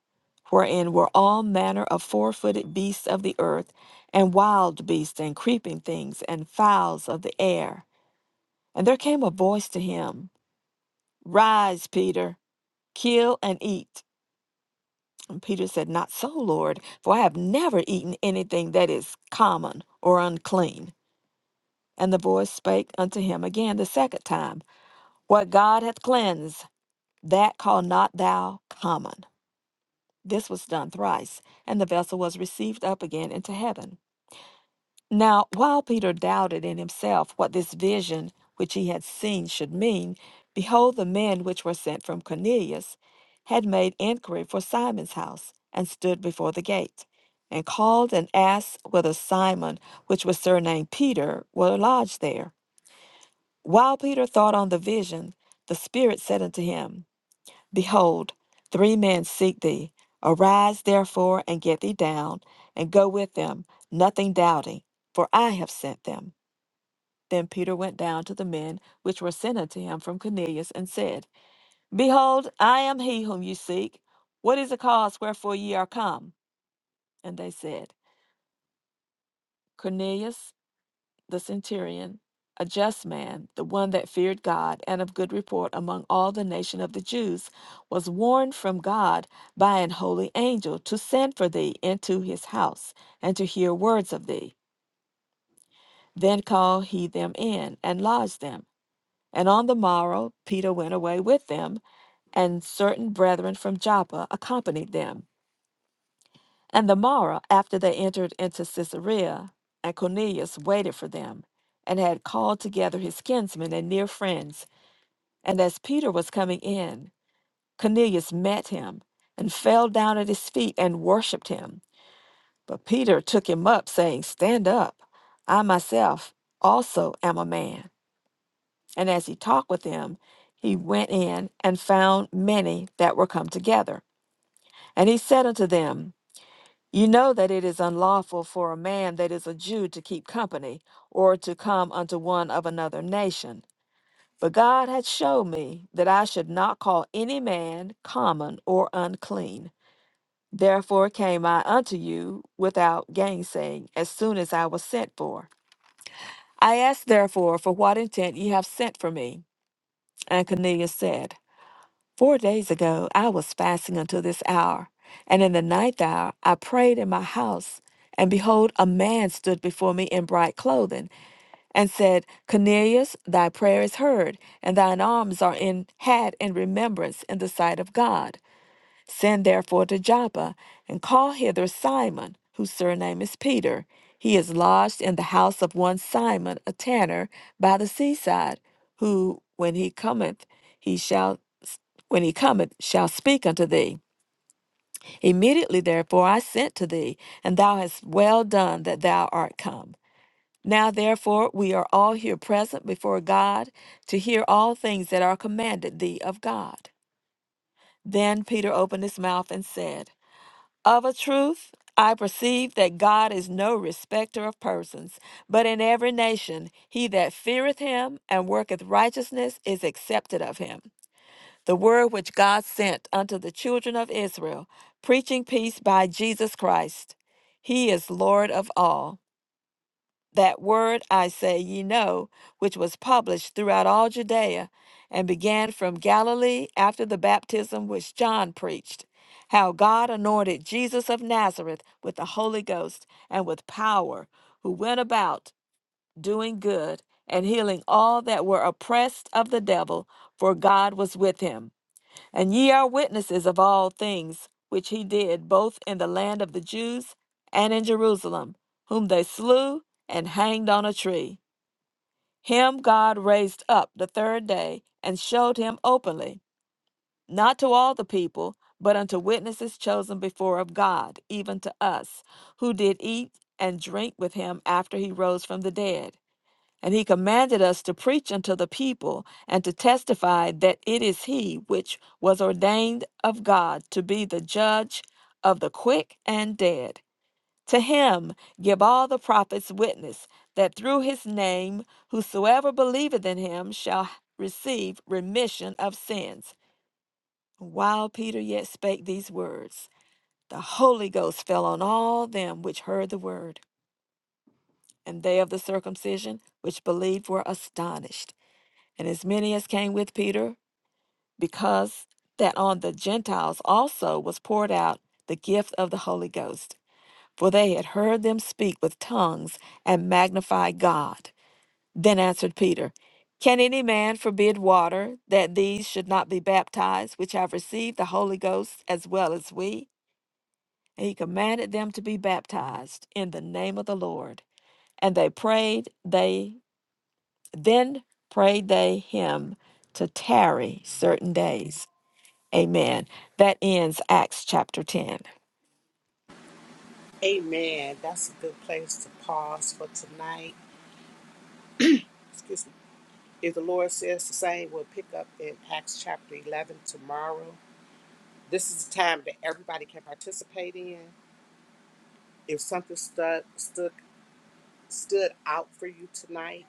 Speaker 2: wherein were all manner of four footed beasts of the earth, and wild beasts, and creeping things, and fowls of the air. And there came a voice to him, Rise, Peter, kill and eat. And Peter said, Not so, Lord, for I have never eaten anything that is common or unclean. And the voice spake unto him again the second time, What God hath cleansed, that call not thou common. This was done thrice, and the vessel was received up again into heaven. Now, while Peter doubted in himself what this vision which he had seen should mean, behold, the men which were sent from Cornelius had made inquiry for Simon's house, and stood before the gate, and called and asked whether Simon, which was surnamed Peter, were lodged there. While Peter thought on the vision, the Spirit said unto him, Behold, three men seek thee. Arise therefore and get thee down, and go with them, nothing doubting, for I have sent them. Then Peter went down to the men which were sent unto him from Cornelius, and said, Behold, I am he whom you seek. What is the cause wherefore ye are come? And they said, Cornelius the centurion, a just man, the one that feared God and of good report among all the nation of the Jews, was warned from God by an holy angel to send for thee into his house and to hear words of thee. Then called he them in and lodged them. And on the morrow Peter went away with them, and certain brethren from Joppa accompanied them. And the morrow after they entered into Caesarea, and Cornelius waited for them, and had called together his kinsmen and near friends. And as Peter was coming in, Cornelius met him, and fell down at his feet and worshipped him. But Peter took him up, saying, Stand up, I myself also am a man. And as he talked with him, he went in and found many that were come together. And he said unto them, You know that it is unlawful for a man that is a Jew to keep company, or to come unto one of another nation. But God had showed me that I should not call any man common or unclean. Therefore came I unto you without gainsaying, as soon as I was sent for. I asked therefore for what intent ye have sent for me. And Cornelius said, Four days ago, I was fasting until this hour, and in the ninth hour I prayed in my house. And behold, a man stood before me in bright clothing, and said, Cornelius, thy prayer is heard, and thine alms are in had in remembrance in the sight of God. Send therefore to Joppa, and call hither Simon, whose surname is Peter. He is lodged in the house of one Simon, a tanner, by the seaside, who, when he cometh, he shall when he cometh, shall speak unto thee. Immediately therefore I sent to thee, and thou hast well done that thou art come. Now therefore we are all here present before God to hear all things that are commanded thee of God. Then Peter opened his mouth and said, of a truth, I perceive that God is no respecter of persons, but in every nation he that feareth him and worketh righteousness is accepted of him. The word which God sent unto the children of Israel, preaching peace by Jesus Christ, he is Lord of all that word I say ye know, which was published throughout all Judea, and began from Galilee after the baptism which John preached, how God anointed Jesus of Nazareth with the Holy Ghost and with power, who went about doing good and healing all that were oppressed of the devil, for God was with him. And ye are witnesses of all things which he did both in the land of the Jews and in Jerusalem, whom they slew and hanged on a tree. Him God raised up the third day and showed him openly, not to all the people, but unto witnesses chosen before of God, even to us, who did eat and drink with him after he rose from the dead. And he commanded us to preach unto the people and to testify that it is he which was ordained of God to be the judge of the quick and dead. To him give all the prophets witness that through his name whosoever believeth in him shall receive remission of sins. While Peter yet spake these words, the Holy Ghost fell on all them which heard the word, and they of the circumcision which believed were astonished and as many as came with Peter, because that on the Gentiles also was poured out the gift of the Holy Ghost. For they had heard them speak with tongues and magnify God. Then answered Peter, Can any man forbid water that these should not be baptized, which have received the Holy Ghost as well as we? And he commanded them to be baptized in the name of the Lord. And they prayed, they Then prayed they him to tarry certain days. Amen. That ends Acts chapter 10.
Speaker 1: Amen. That's a good place to pause for tonight. Excuse me. If the Lord says the same, we'll pick up in Acts chapter 11 tomorrow. This is a time that everybody can participate in. If something stood, stood, stood out for you tonight,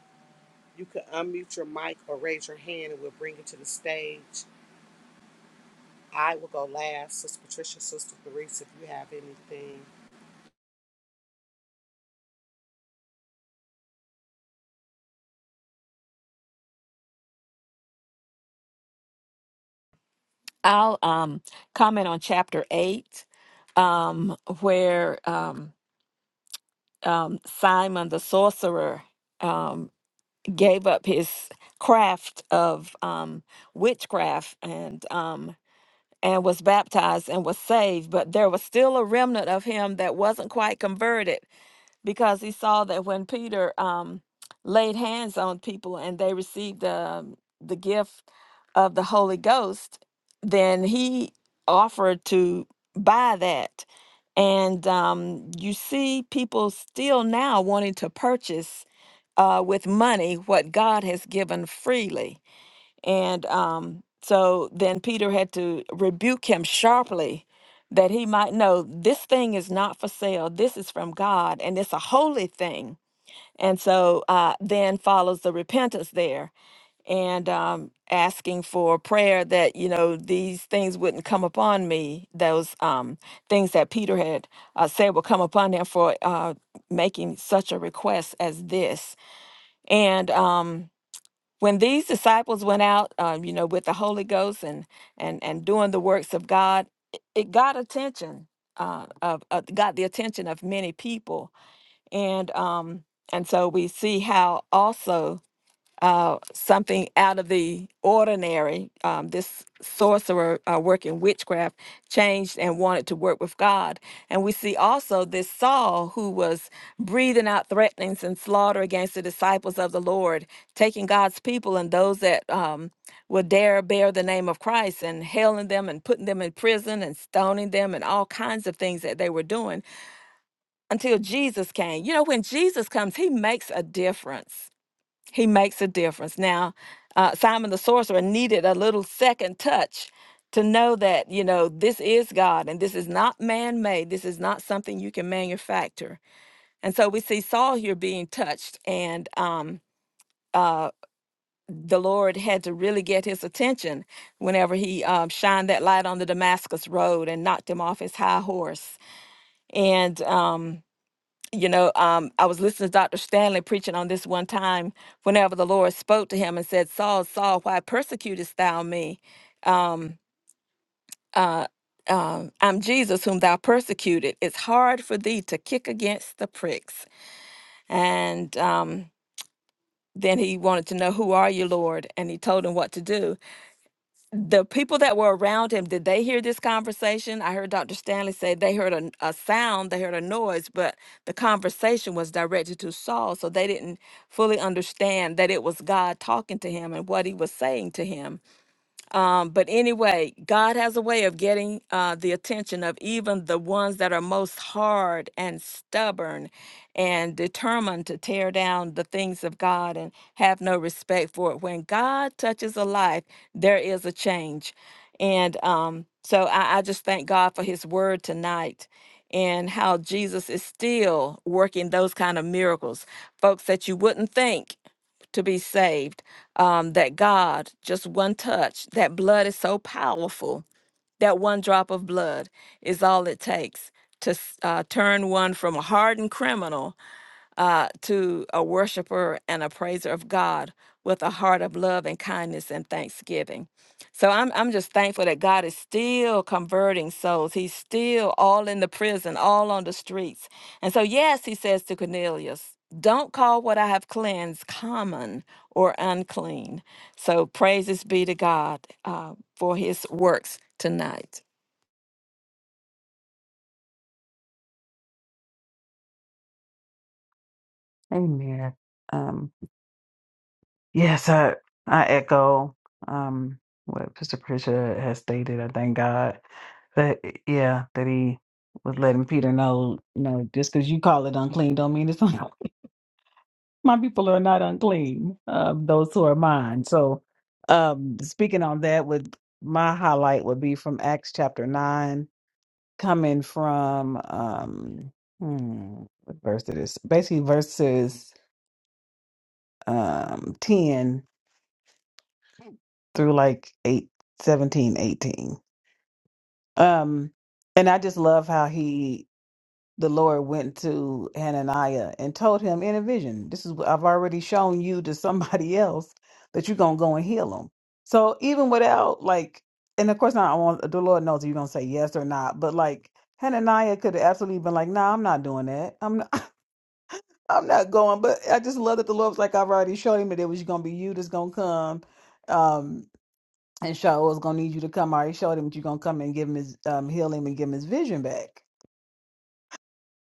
Speaker 1: you can unmute your mic or raise your hand and we'll bring it to the stage. I will go last. Sister Patricia, Sister Therese, if you have anything.
Speaker 2: I'll um, comment on chapter 8, um, where um, um, Simon the sorcerer um, gave up his craft of um, witchcraft and um, and was baptized and was saved, but there was still a remnant of him that wasn't quite converted because he saw that when Peter um, laid hands on people and they received the the gift of the Holy Ghost, then he offered to buy that. And um, you see people still now wanting to purchase uh, with money what God has given freely. And um, so then Peter had to rebuke him sharply that he might know this thing is not for sale. This is from God and it's a holy thing. And so uh, then follows the repentance there and um, asking for prayer that, you know, these things wouldn't come upon me, those um, things that Peter had uh, said will come upon him for uh, making such a request as this. And, um, when these disciples went out, um, you know, with the Holy Ghost and and and doing the works of God, it, it got attention uh, of, of got the attention of many people, and um, and so we see how also uh, something out of the ordinary. Um, this sorcerer uh, working witchcraft changed and wanted to work with God. And we see also this Saul who was breathing out threatenings and slaughter against the disciples of the Lord, taking God's people and those that um, would dare bear the name of Christ and hailing them and putting them in prison and stoning them and all kinds of things that they were doing until Jesus came. You know, when Jesus comes, he makes a difference he makes a difference. Now, uh, Simon the sorcerer needed a little second touch to know that, you know, this is God and this is not man made. This is not something you can manufacture. And so we see Saul here being touched, and um, uh, the Lord had to really get his attention whenever he um, shined that light on the Damascus road and knocked him off his high horse. And. um, you know, um, I was listening to Dr. Stanley preaching on this one time whenever the Lord spoke to him and said, Saul, Saul, why persecutest thou me? Um, uh, um, I'm Jesus whom thou persecuted. It's hard for thee to kick against the pricks. And um, then he wanted to know, Who are you, Lord? And he told him what to do. the people that were around him did they hear this conversation i heard dr stanley say they heard a, a sound they heard a noise but the conversation was directed to saul so they didn't fully understand that it was god talking to him and what he was saying to him um, but anyway, God has a way of getting uh, the attention of even the ones that are most hard and stubborn and determined to tear down the things of God and have no respect for it. When God touches a life, there is a change. And um, so I, I just thank God for his word tonight and how Jesus is still working those kind of miracles. Folks that you wouldn't think to be saved. Um, that God, just one touch, that blood is so powerful. That one drop of blood is all it takes to s- uh, turn one from a hardened criminal uh, to a worshiper and a praiser of God with a heart of love and kindness and thanksgiving. So I'm, I'm just thankful that God is still converting souls. He's still all in the prison, all on the streets. And so, yes, he says to Cornelius, don't call what I have cleansed common or unclean. So praises be to God uh, for his works tonight.
Speaker 3: Amen. Um. Yes, I I echo um what Pastor Patricia has stated. I thank God that eh, yeah that he was letting Peter know you know just because you call it unclean don't mean it's unclean. My people are not unclean. Um, those who are mine. So, um, speaking on that, would my highlight would be from Acts chapter nine, coming from um hmm, what verse it is basically verses um ten through like 8, 17, 18, um and i just love how he the lord went to hananiah and told him in a vision this is what i've already shown you to somebody else that you're gonna go and heal them so even without like and of course not i want the lord knows if you're gonna say yes or not but like hananiah could have absolutely been like nah i'm not doing that i'm not, i'm not going but i just love that the lord was like i've already showed him that it was gonna be you that's gonna come um and Shaw was gonna need you to come. I already showed him that you're gonna come and give him his um heal him and give him his vision back.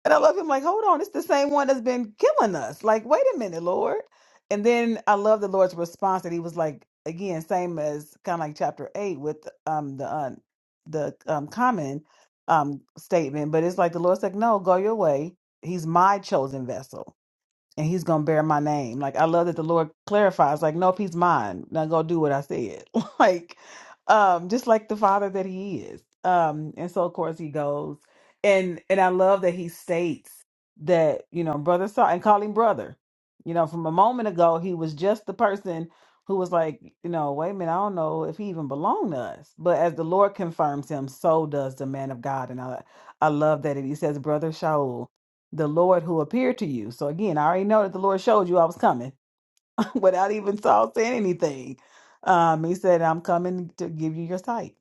Speaker 3: And I love him like, hold on, it's the same one that's been killing us. Like, wait a minute, Lord. And then I love the Lord's response that he was like, again, same as kind of like chapter eight with um the uh, the um common um statement, but it's like the Lord's like, no, go your way. He's my chosen vessel and he's gonna bear my name. Like I love that the Lord clarifies, like, nope, he's mine. Now go do what I said. like, um, just like the father that he is. Um, and so of course he goes. And and I love that he states that, you know, brother Saul, and call him brother. You know, from a moment ago, he was just the person who was like, you know, wait a minute, I don't know if he even belonged to us. But as the Lord confirms him, so does the man of God. And I I love that. And he says, Brother Shaul the Lord who appeared to you. So again, I already know that the Lord showed you I was coming without even Saul saying anything. Um, he said, I'm coming to give you your sight.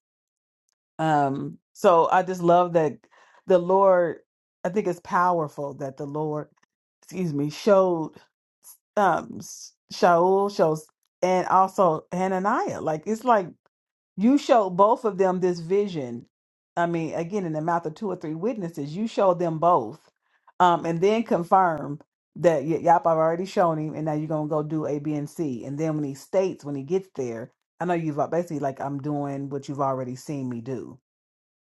Speaker 3: Um, so I just love that the Lord, I think it's powerful that the Lord, excuse me, showed um S- Shaul shows and also Hananiah. Like it's like you showed both of them this vision. I mean, again, in the mouth of two or three witnesses, you showed them both, um, and then confirm that y- yep, I've already shown him, and now you're gonna go do A, B, and C. And then when he states when he gets there, I know you've uh, basically like I'm doing what you've already seen me do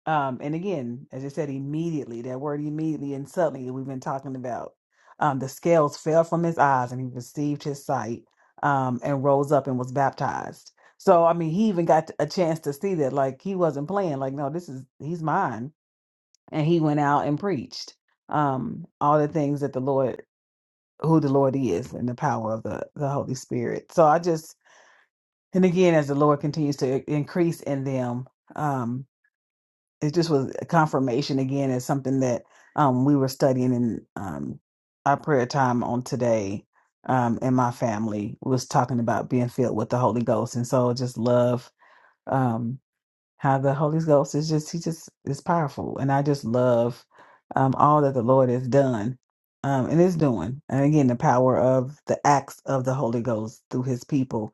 Speaker 3: um, and again, as I said, immediately, that word immediately and suddenly that we've been talking about. Um, the scales fell from his eyes and he received his sight um, and rose up and was baptized. So, I mean, he even got a chance to see that, like, he wasn't playing, like, no, this is, he's mine. And he went out and preached um, all the things that the Lord, who the Lord is, and the power of the, the Holy Spirit. So I just, and again, as the Lord continues to increase in them, um, it just was a confirmation again as something that um, we were studying in um, our prayer time on today um, and my family was talking about being filled with the holy ghost and so just love Um, how the Holy Ghost is just he just is powerful, and I just love um, all that the Lord has done um, and is doing, and again the power of the acts of the Holy Ghost through His people,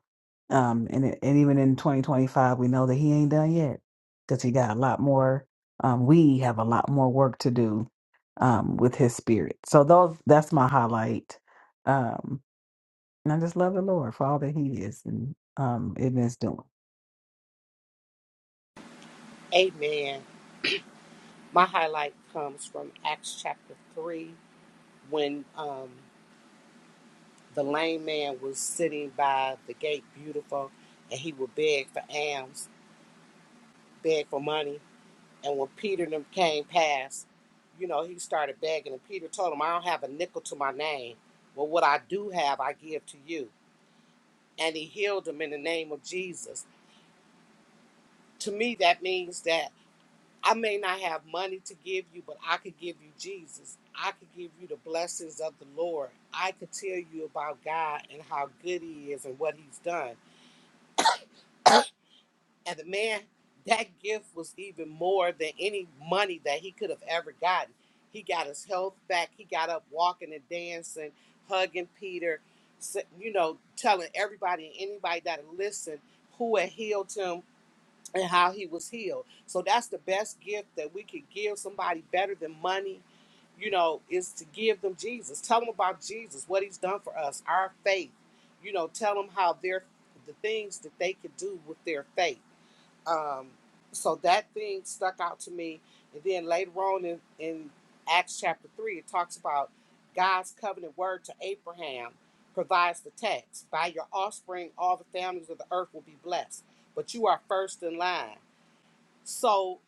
Speaker 3: um, and it- and even in 2025 we know that He ain't done yet because He got a lot more. Um, we have a lot more work to do um, with His Spirit. So those that's my highlight, um, and I just love the Lord for all that He is and um, and is doing.
Speaker 1: Amen. My highlight comes from Acts chapter 3 when um, the lame man was sitting by the gate, beautiful, and he would beg for alms, beg for money. And when Peter and them came past, you know, he started begging. And Peter told him, I don't have a nickel to my name. Well, what I do have, I give to you. And he healed him in the name of Jesus. To me, that means that I may not have money to give you, but I could give you Jesus. I could give you the blessings of the Lord. I could tell you about God and how good He is and what He's done. And the man, that gift was even more than any money that he could have ever gotten. He got his health back. He got up walking and dancing, hugging Peter, s- you know, telling everybody and anybody that listened who had healed him, and how he was healed. So that's the best gift that we could give somebody better than money, you know, is to give them Jesus. Tell them about Jesus, what he's done for us, our faith. You know, tell them how their the things that they could do with their faith. Um, so that thing stuck out to me. And then later on in, in Acts chapter 3, it talks about God's covenant word to Abraham provides the text By your offspring, all the families of the earth will be blessed, but you are first in line. So,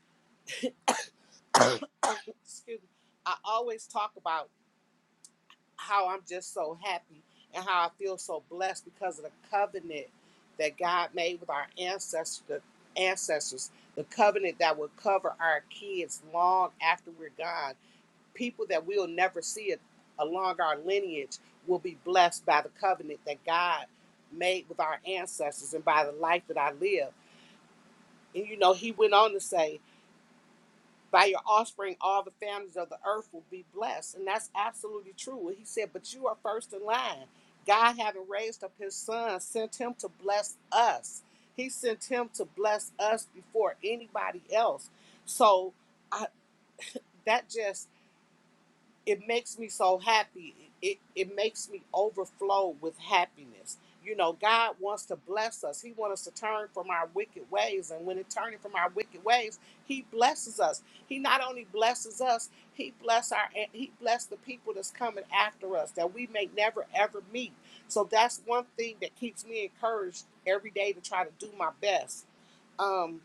Speaker 1: excuse me, I always talk about how I'm just so happy and how I feel so blessed because of the covenant that God made with our ancestors, the ancestors, the covenant that will cover our kids long after we're gone. People that we'll never see it along our lineage will be blessed by the covenant that God made with our ancestors and by the life that I live. And you know, he went on to say, by your offspring all the families of the earth will be blessed and that's absolutely true he said but you are first in line god having raised up his son sent him to bless us he sent him to bless us before anybody else so I, that just it makes me so happy. It, it makes me overflow with happiness. You know, God wants to bless us. He wants us to turn from our wicked ways. And when it turning from our wicked ways, He blesses us. He not only blesses us, He bless our He bless the people that's coming after us that we may never ever meet. So that's one thing that keeps me encouraged every day to try to do my best. Um,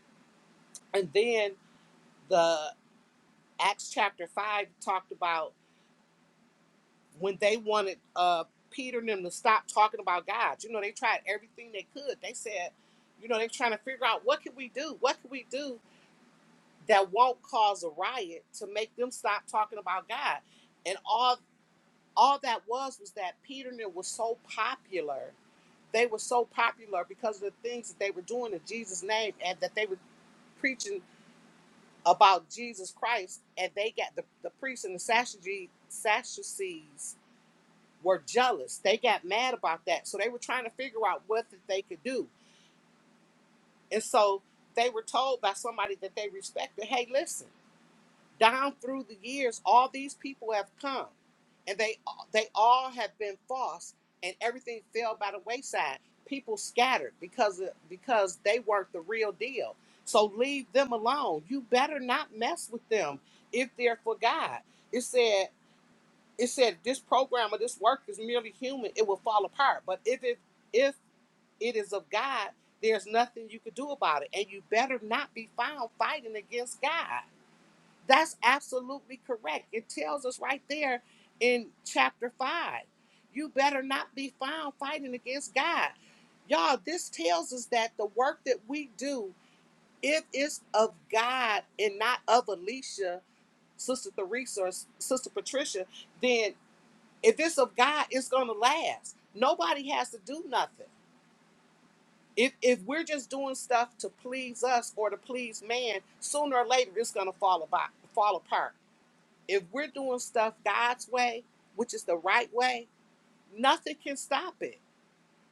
Speaker 1: and then the Acts chapter five talked about. when they wanted uh, Peter and them to stop talking about God. You know, they tried everything they could. They said, you know, they're trying to figure out what can we do? What can we do that won't cause a riot to make them stop talking about God? And all all that was was that Peter and them was so popular. They were so popular because of the things that they were doing in Jesus' name and that they were preaching about Jesus Christ. And they got the, the priests and the Sadducees were jealous. They got mad about that. So they were trying to figure out what that they could do. And so they were told by somebody that they respected, hey, listen, down through the years, all these people have come and they they all have been false and everything fell by the wayside. People scattered because of, because they weren't the real deal. So leave them alone. You better not mess with them if they're for God. It said it said this program or this work is merely human it will fall apart but if it if it is of god there's nothing you could do about it and you better not be found fighting against god that's absolutely correct it tells us right there in chapter 5 you better not be found fighting against god y'all this tells us that the work that we do if it's of god and not of alicia sister theresa or sister patricia then if it's of God, it's gonna last. Nobody has to do nothing. If if we're just doing stuff to please us or to please man, sooner or later it's gonna fall about fall apart. If we're doing stuff God's way, which is the right way, nothing can stop it.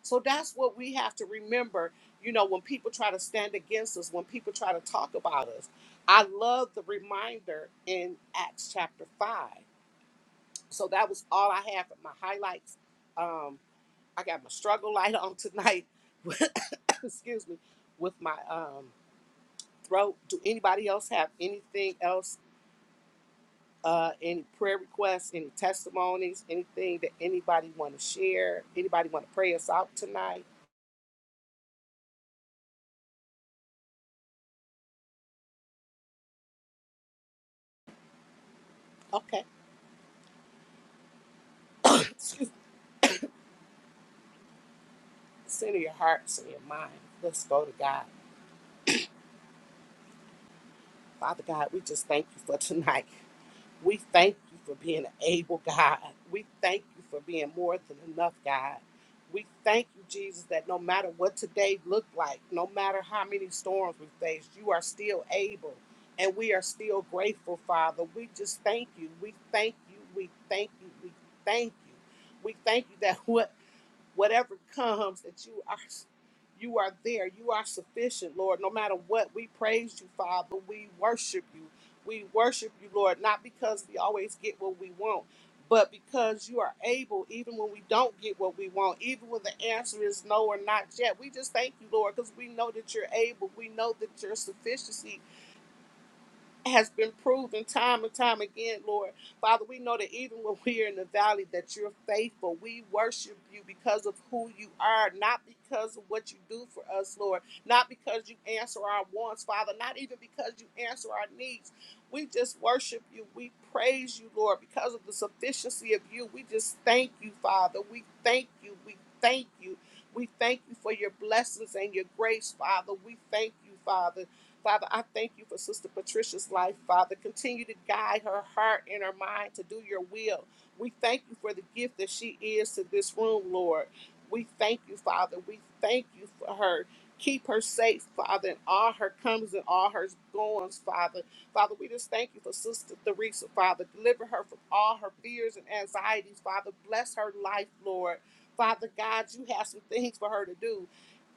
Speaker 1: So that's what we have to remember. You know, when people try to stand against us, when people try to talk about us, I love the reminder in Acts chapter five. So that was all I have for my highlights. Um, I got my struggle light on tonight. Excuse me, with my um throat. Do anybody else have anything else? Uh, any prayer requests? Any testimonies? Anything that anybody want to share? Anybody want to pray us out tonight? Okay. Excuse me. Center your hearts and your mind. Let's go to God. Father God, we just thank you for tonight. We thank you for being an able God. We thank you for being more than enough, God. We thank you, Jesus, that no matter what today looked like, no matter how many storms we faced, you are still able. And we are still grateful, Father. We just thank you. We thank you. We thank you. We thank you. We thank you that whatever comes that you are you are there you are sufficient lord no matter what we praise you father we worship you we worship you lord not because we always get what we want but because you are able even when we don't get what we want even when the answer is no or not yet we just thank you lord because we know that you're able we know that your sufficiency has been proven time and time again, Lord. Father, we know that even when we're in the valley, that you're faithful. We worship you because of who you are, not because of what you do for us, Lord. Not because you answer our wants, Father. Not even because you answer our needs. We just worship you. We praise you, Lord, because of the sufficiency of you. We just thank you, Father. We thank you. We thank you. We thank you for your blessings and your grace, Father. We thank you, Father. Father, I thank you for Sister Patricia's life, Father. Continue to guide her heart and her mind to do your will. We thank you for the gift that she is to this room, Lord. We thank you, Father. We thank you for her. Keep her safe, Father, in all her comes and all her goings, Father. Father, we just thank you for Sister Theresa, Father. Deliver her from all her fears and anxieties, Father. Bless her life, Lord. Father God, you have some things for her to do.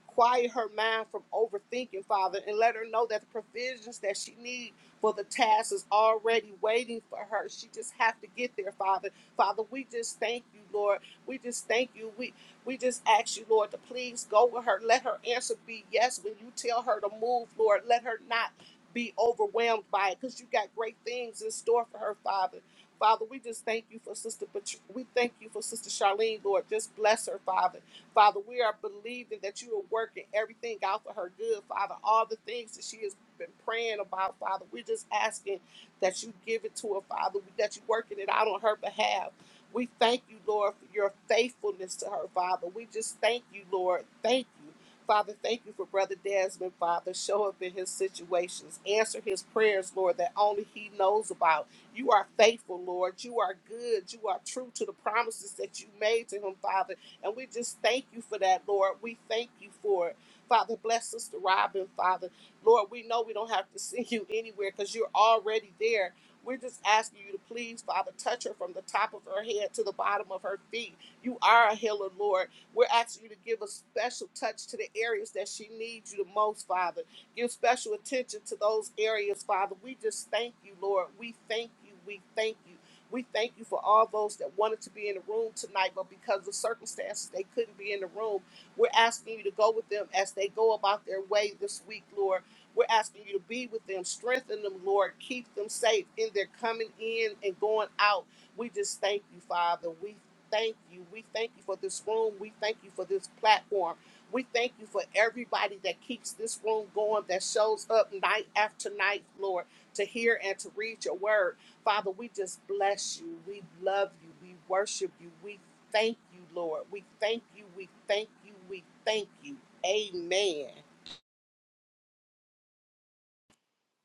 Speaker 1: Quiet her mind from overthinking, Father, and let her know that the provisions that she needs for the task is already waiting for her. She just have to get there, Father. Father, we just thank you, Lord. We just thank you. We we just ask you, Lord, to please go with her. Let her answer be yes when you tell her to move, Lord. Let her not be overwhelmed by it because you got great things in store for her, Father. Father, we just thank you for Sister, but we thank you for Sister Charlene, Lord. Just bless her, Father. Father, we are believing that you are working everything out for her good, Father. All the things that she has been praying about, Father, we're just asking that you give it to her, Father, that you're working it out on her behalf. We thank you, Lord, for your faithfulness to her, Father. We just thank you, Lord. Thank you. Father, thank you for Brother Desmond, Father. Show up in his situations. Answer his prayers, Lord, that only he knows about. You are faithful, Lord. You are good. You are true to the promises that you made to him, Father. And we just thank you for that, Lord. We thank you for it. Father, bless Sister Robin, Father. Lord, we know we don't have to see you anywhere because you're already there. We're just asking you to please, Father, touch her from the top of her head to the bottom of her feet. You are a healer, Lord. We're asking you to give a special touch to the areas that she needs you the most, Father. Give special attention to those areas, Father. We just thank you, Lord. We thank you. We thank you. We thank you for all those that wanted to be in the room tonight, but because of circumstances, they couldn't be in the room. We're asking you to go with them as they go about their way this week, Lord. We're asking you to be with them, strengthen them, Lord. Keep them safe in their coming in and going out. We just thank you, Father. We thank you. We thank you for this room. We thank you for this platform. We thank you for everybody that keeps this room going, that shows up night after night, Lord, to hear and to read your word. Father, we just bless you. We love you. We worship you. We thank you, Lord. We thank you. We thank you. We thank you. Amen.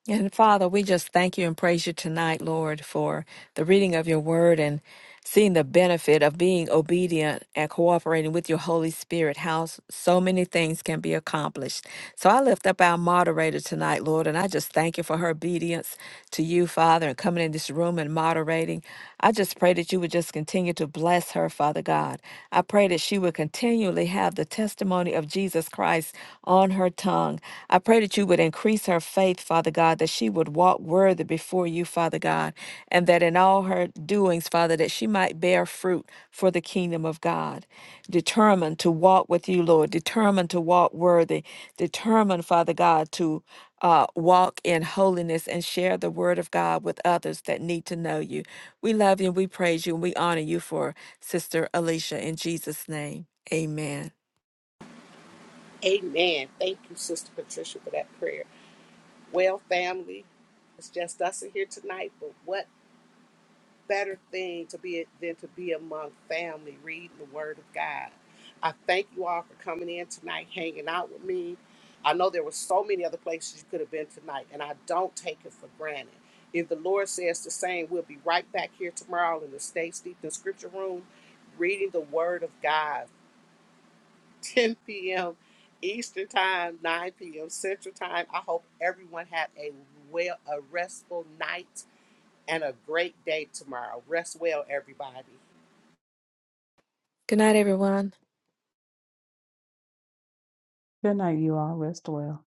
Speaker 2: And Father, we just thank you and praise you tonight, Lord, for the reading of your word and seeing the benefit of being obedient and cooperating with your Holy Spirit, how s- so many things can be accomplished. So I lift up our moderator tonight, Lord, and I just thank you for her obedience to you, Father, and coming in this room and moderating. I just pray that you would just continue to bless her, Father God. I pray that she would continually have the testimony of Jesus. Jesus Christ on her tongue. I pray that you would increase her faith, Father God, that she would walk worthy before you, Father God, and that in all her doings, Father, that she might bear fruit for the kingdom of God. Determined to walk with you, Lord, determined to walk worthy, determined, Father God, to uh, walk in holiness and share the word of God with others that need to know you. We love you and we praise you and we honor you for Sister Alicia in Jesus' name. Amen.
Speaker 1: Amen. Thank you, Sister Patricia, for that prayer. Well, family, it's just us in here tonight, but what better thing to be than to be among family reading the word of God. I thank you all for coming in tonight, hanging out with me. I know there were so many other places you could have been tonight, and I don't take it for granted. If the Lord says the same, we'll be right back here tomorrow in the Stay Steeped in Scripture Room, reading the Word of God, 10 p.m. Eastern Time, 9 p.m. Central Time. I hope everyone had a well, a restful night and a great day tomorrow. Rest well, everybody.
Speaker 2: Good night, everyone.
Speaker 3: Good night, you all. Rest well.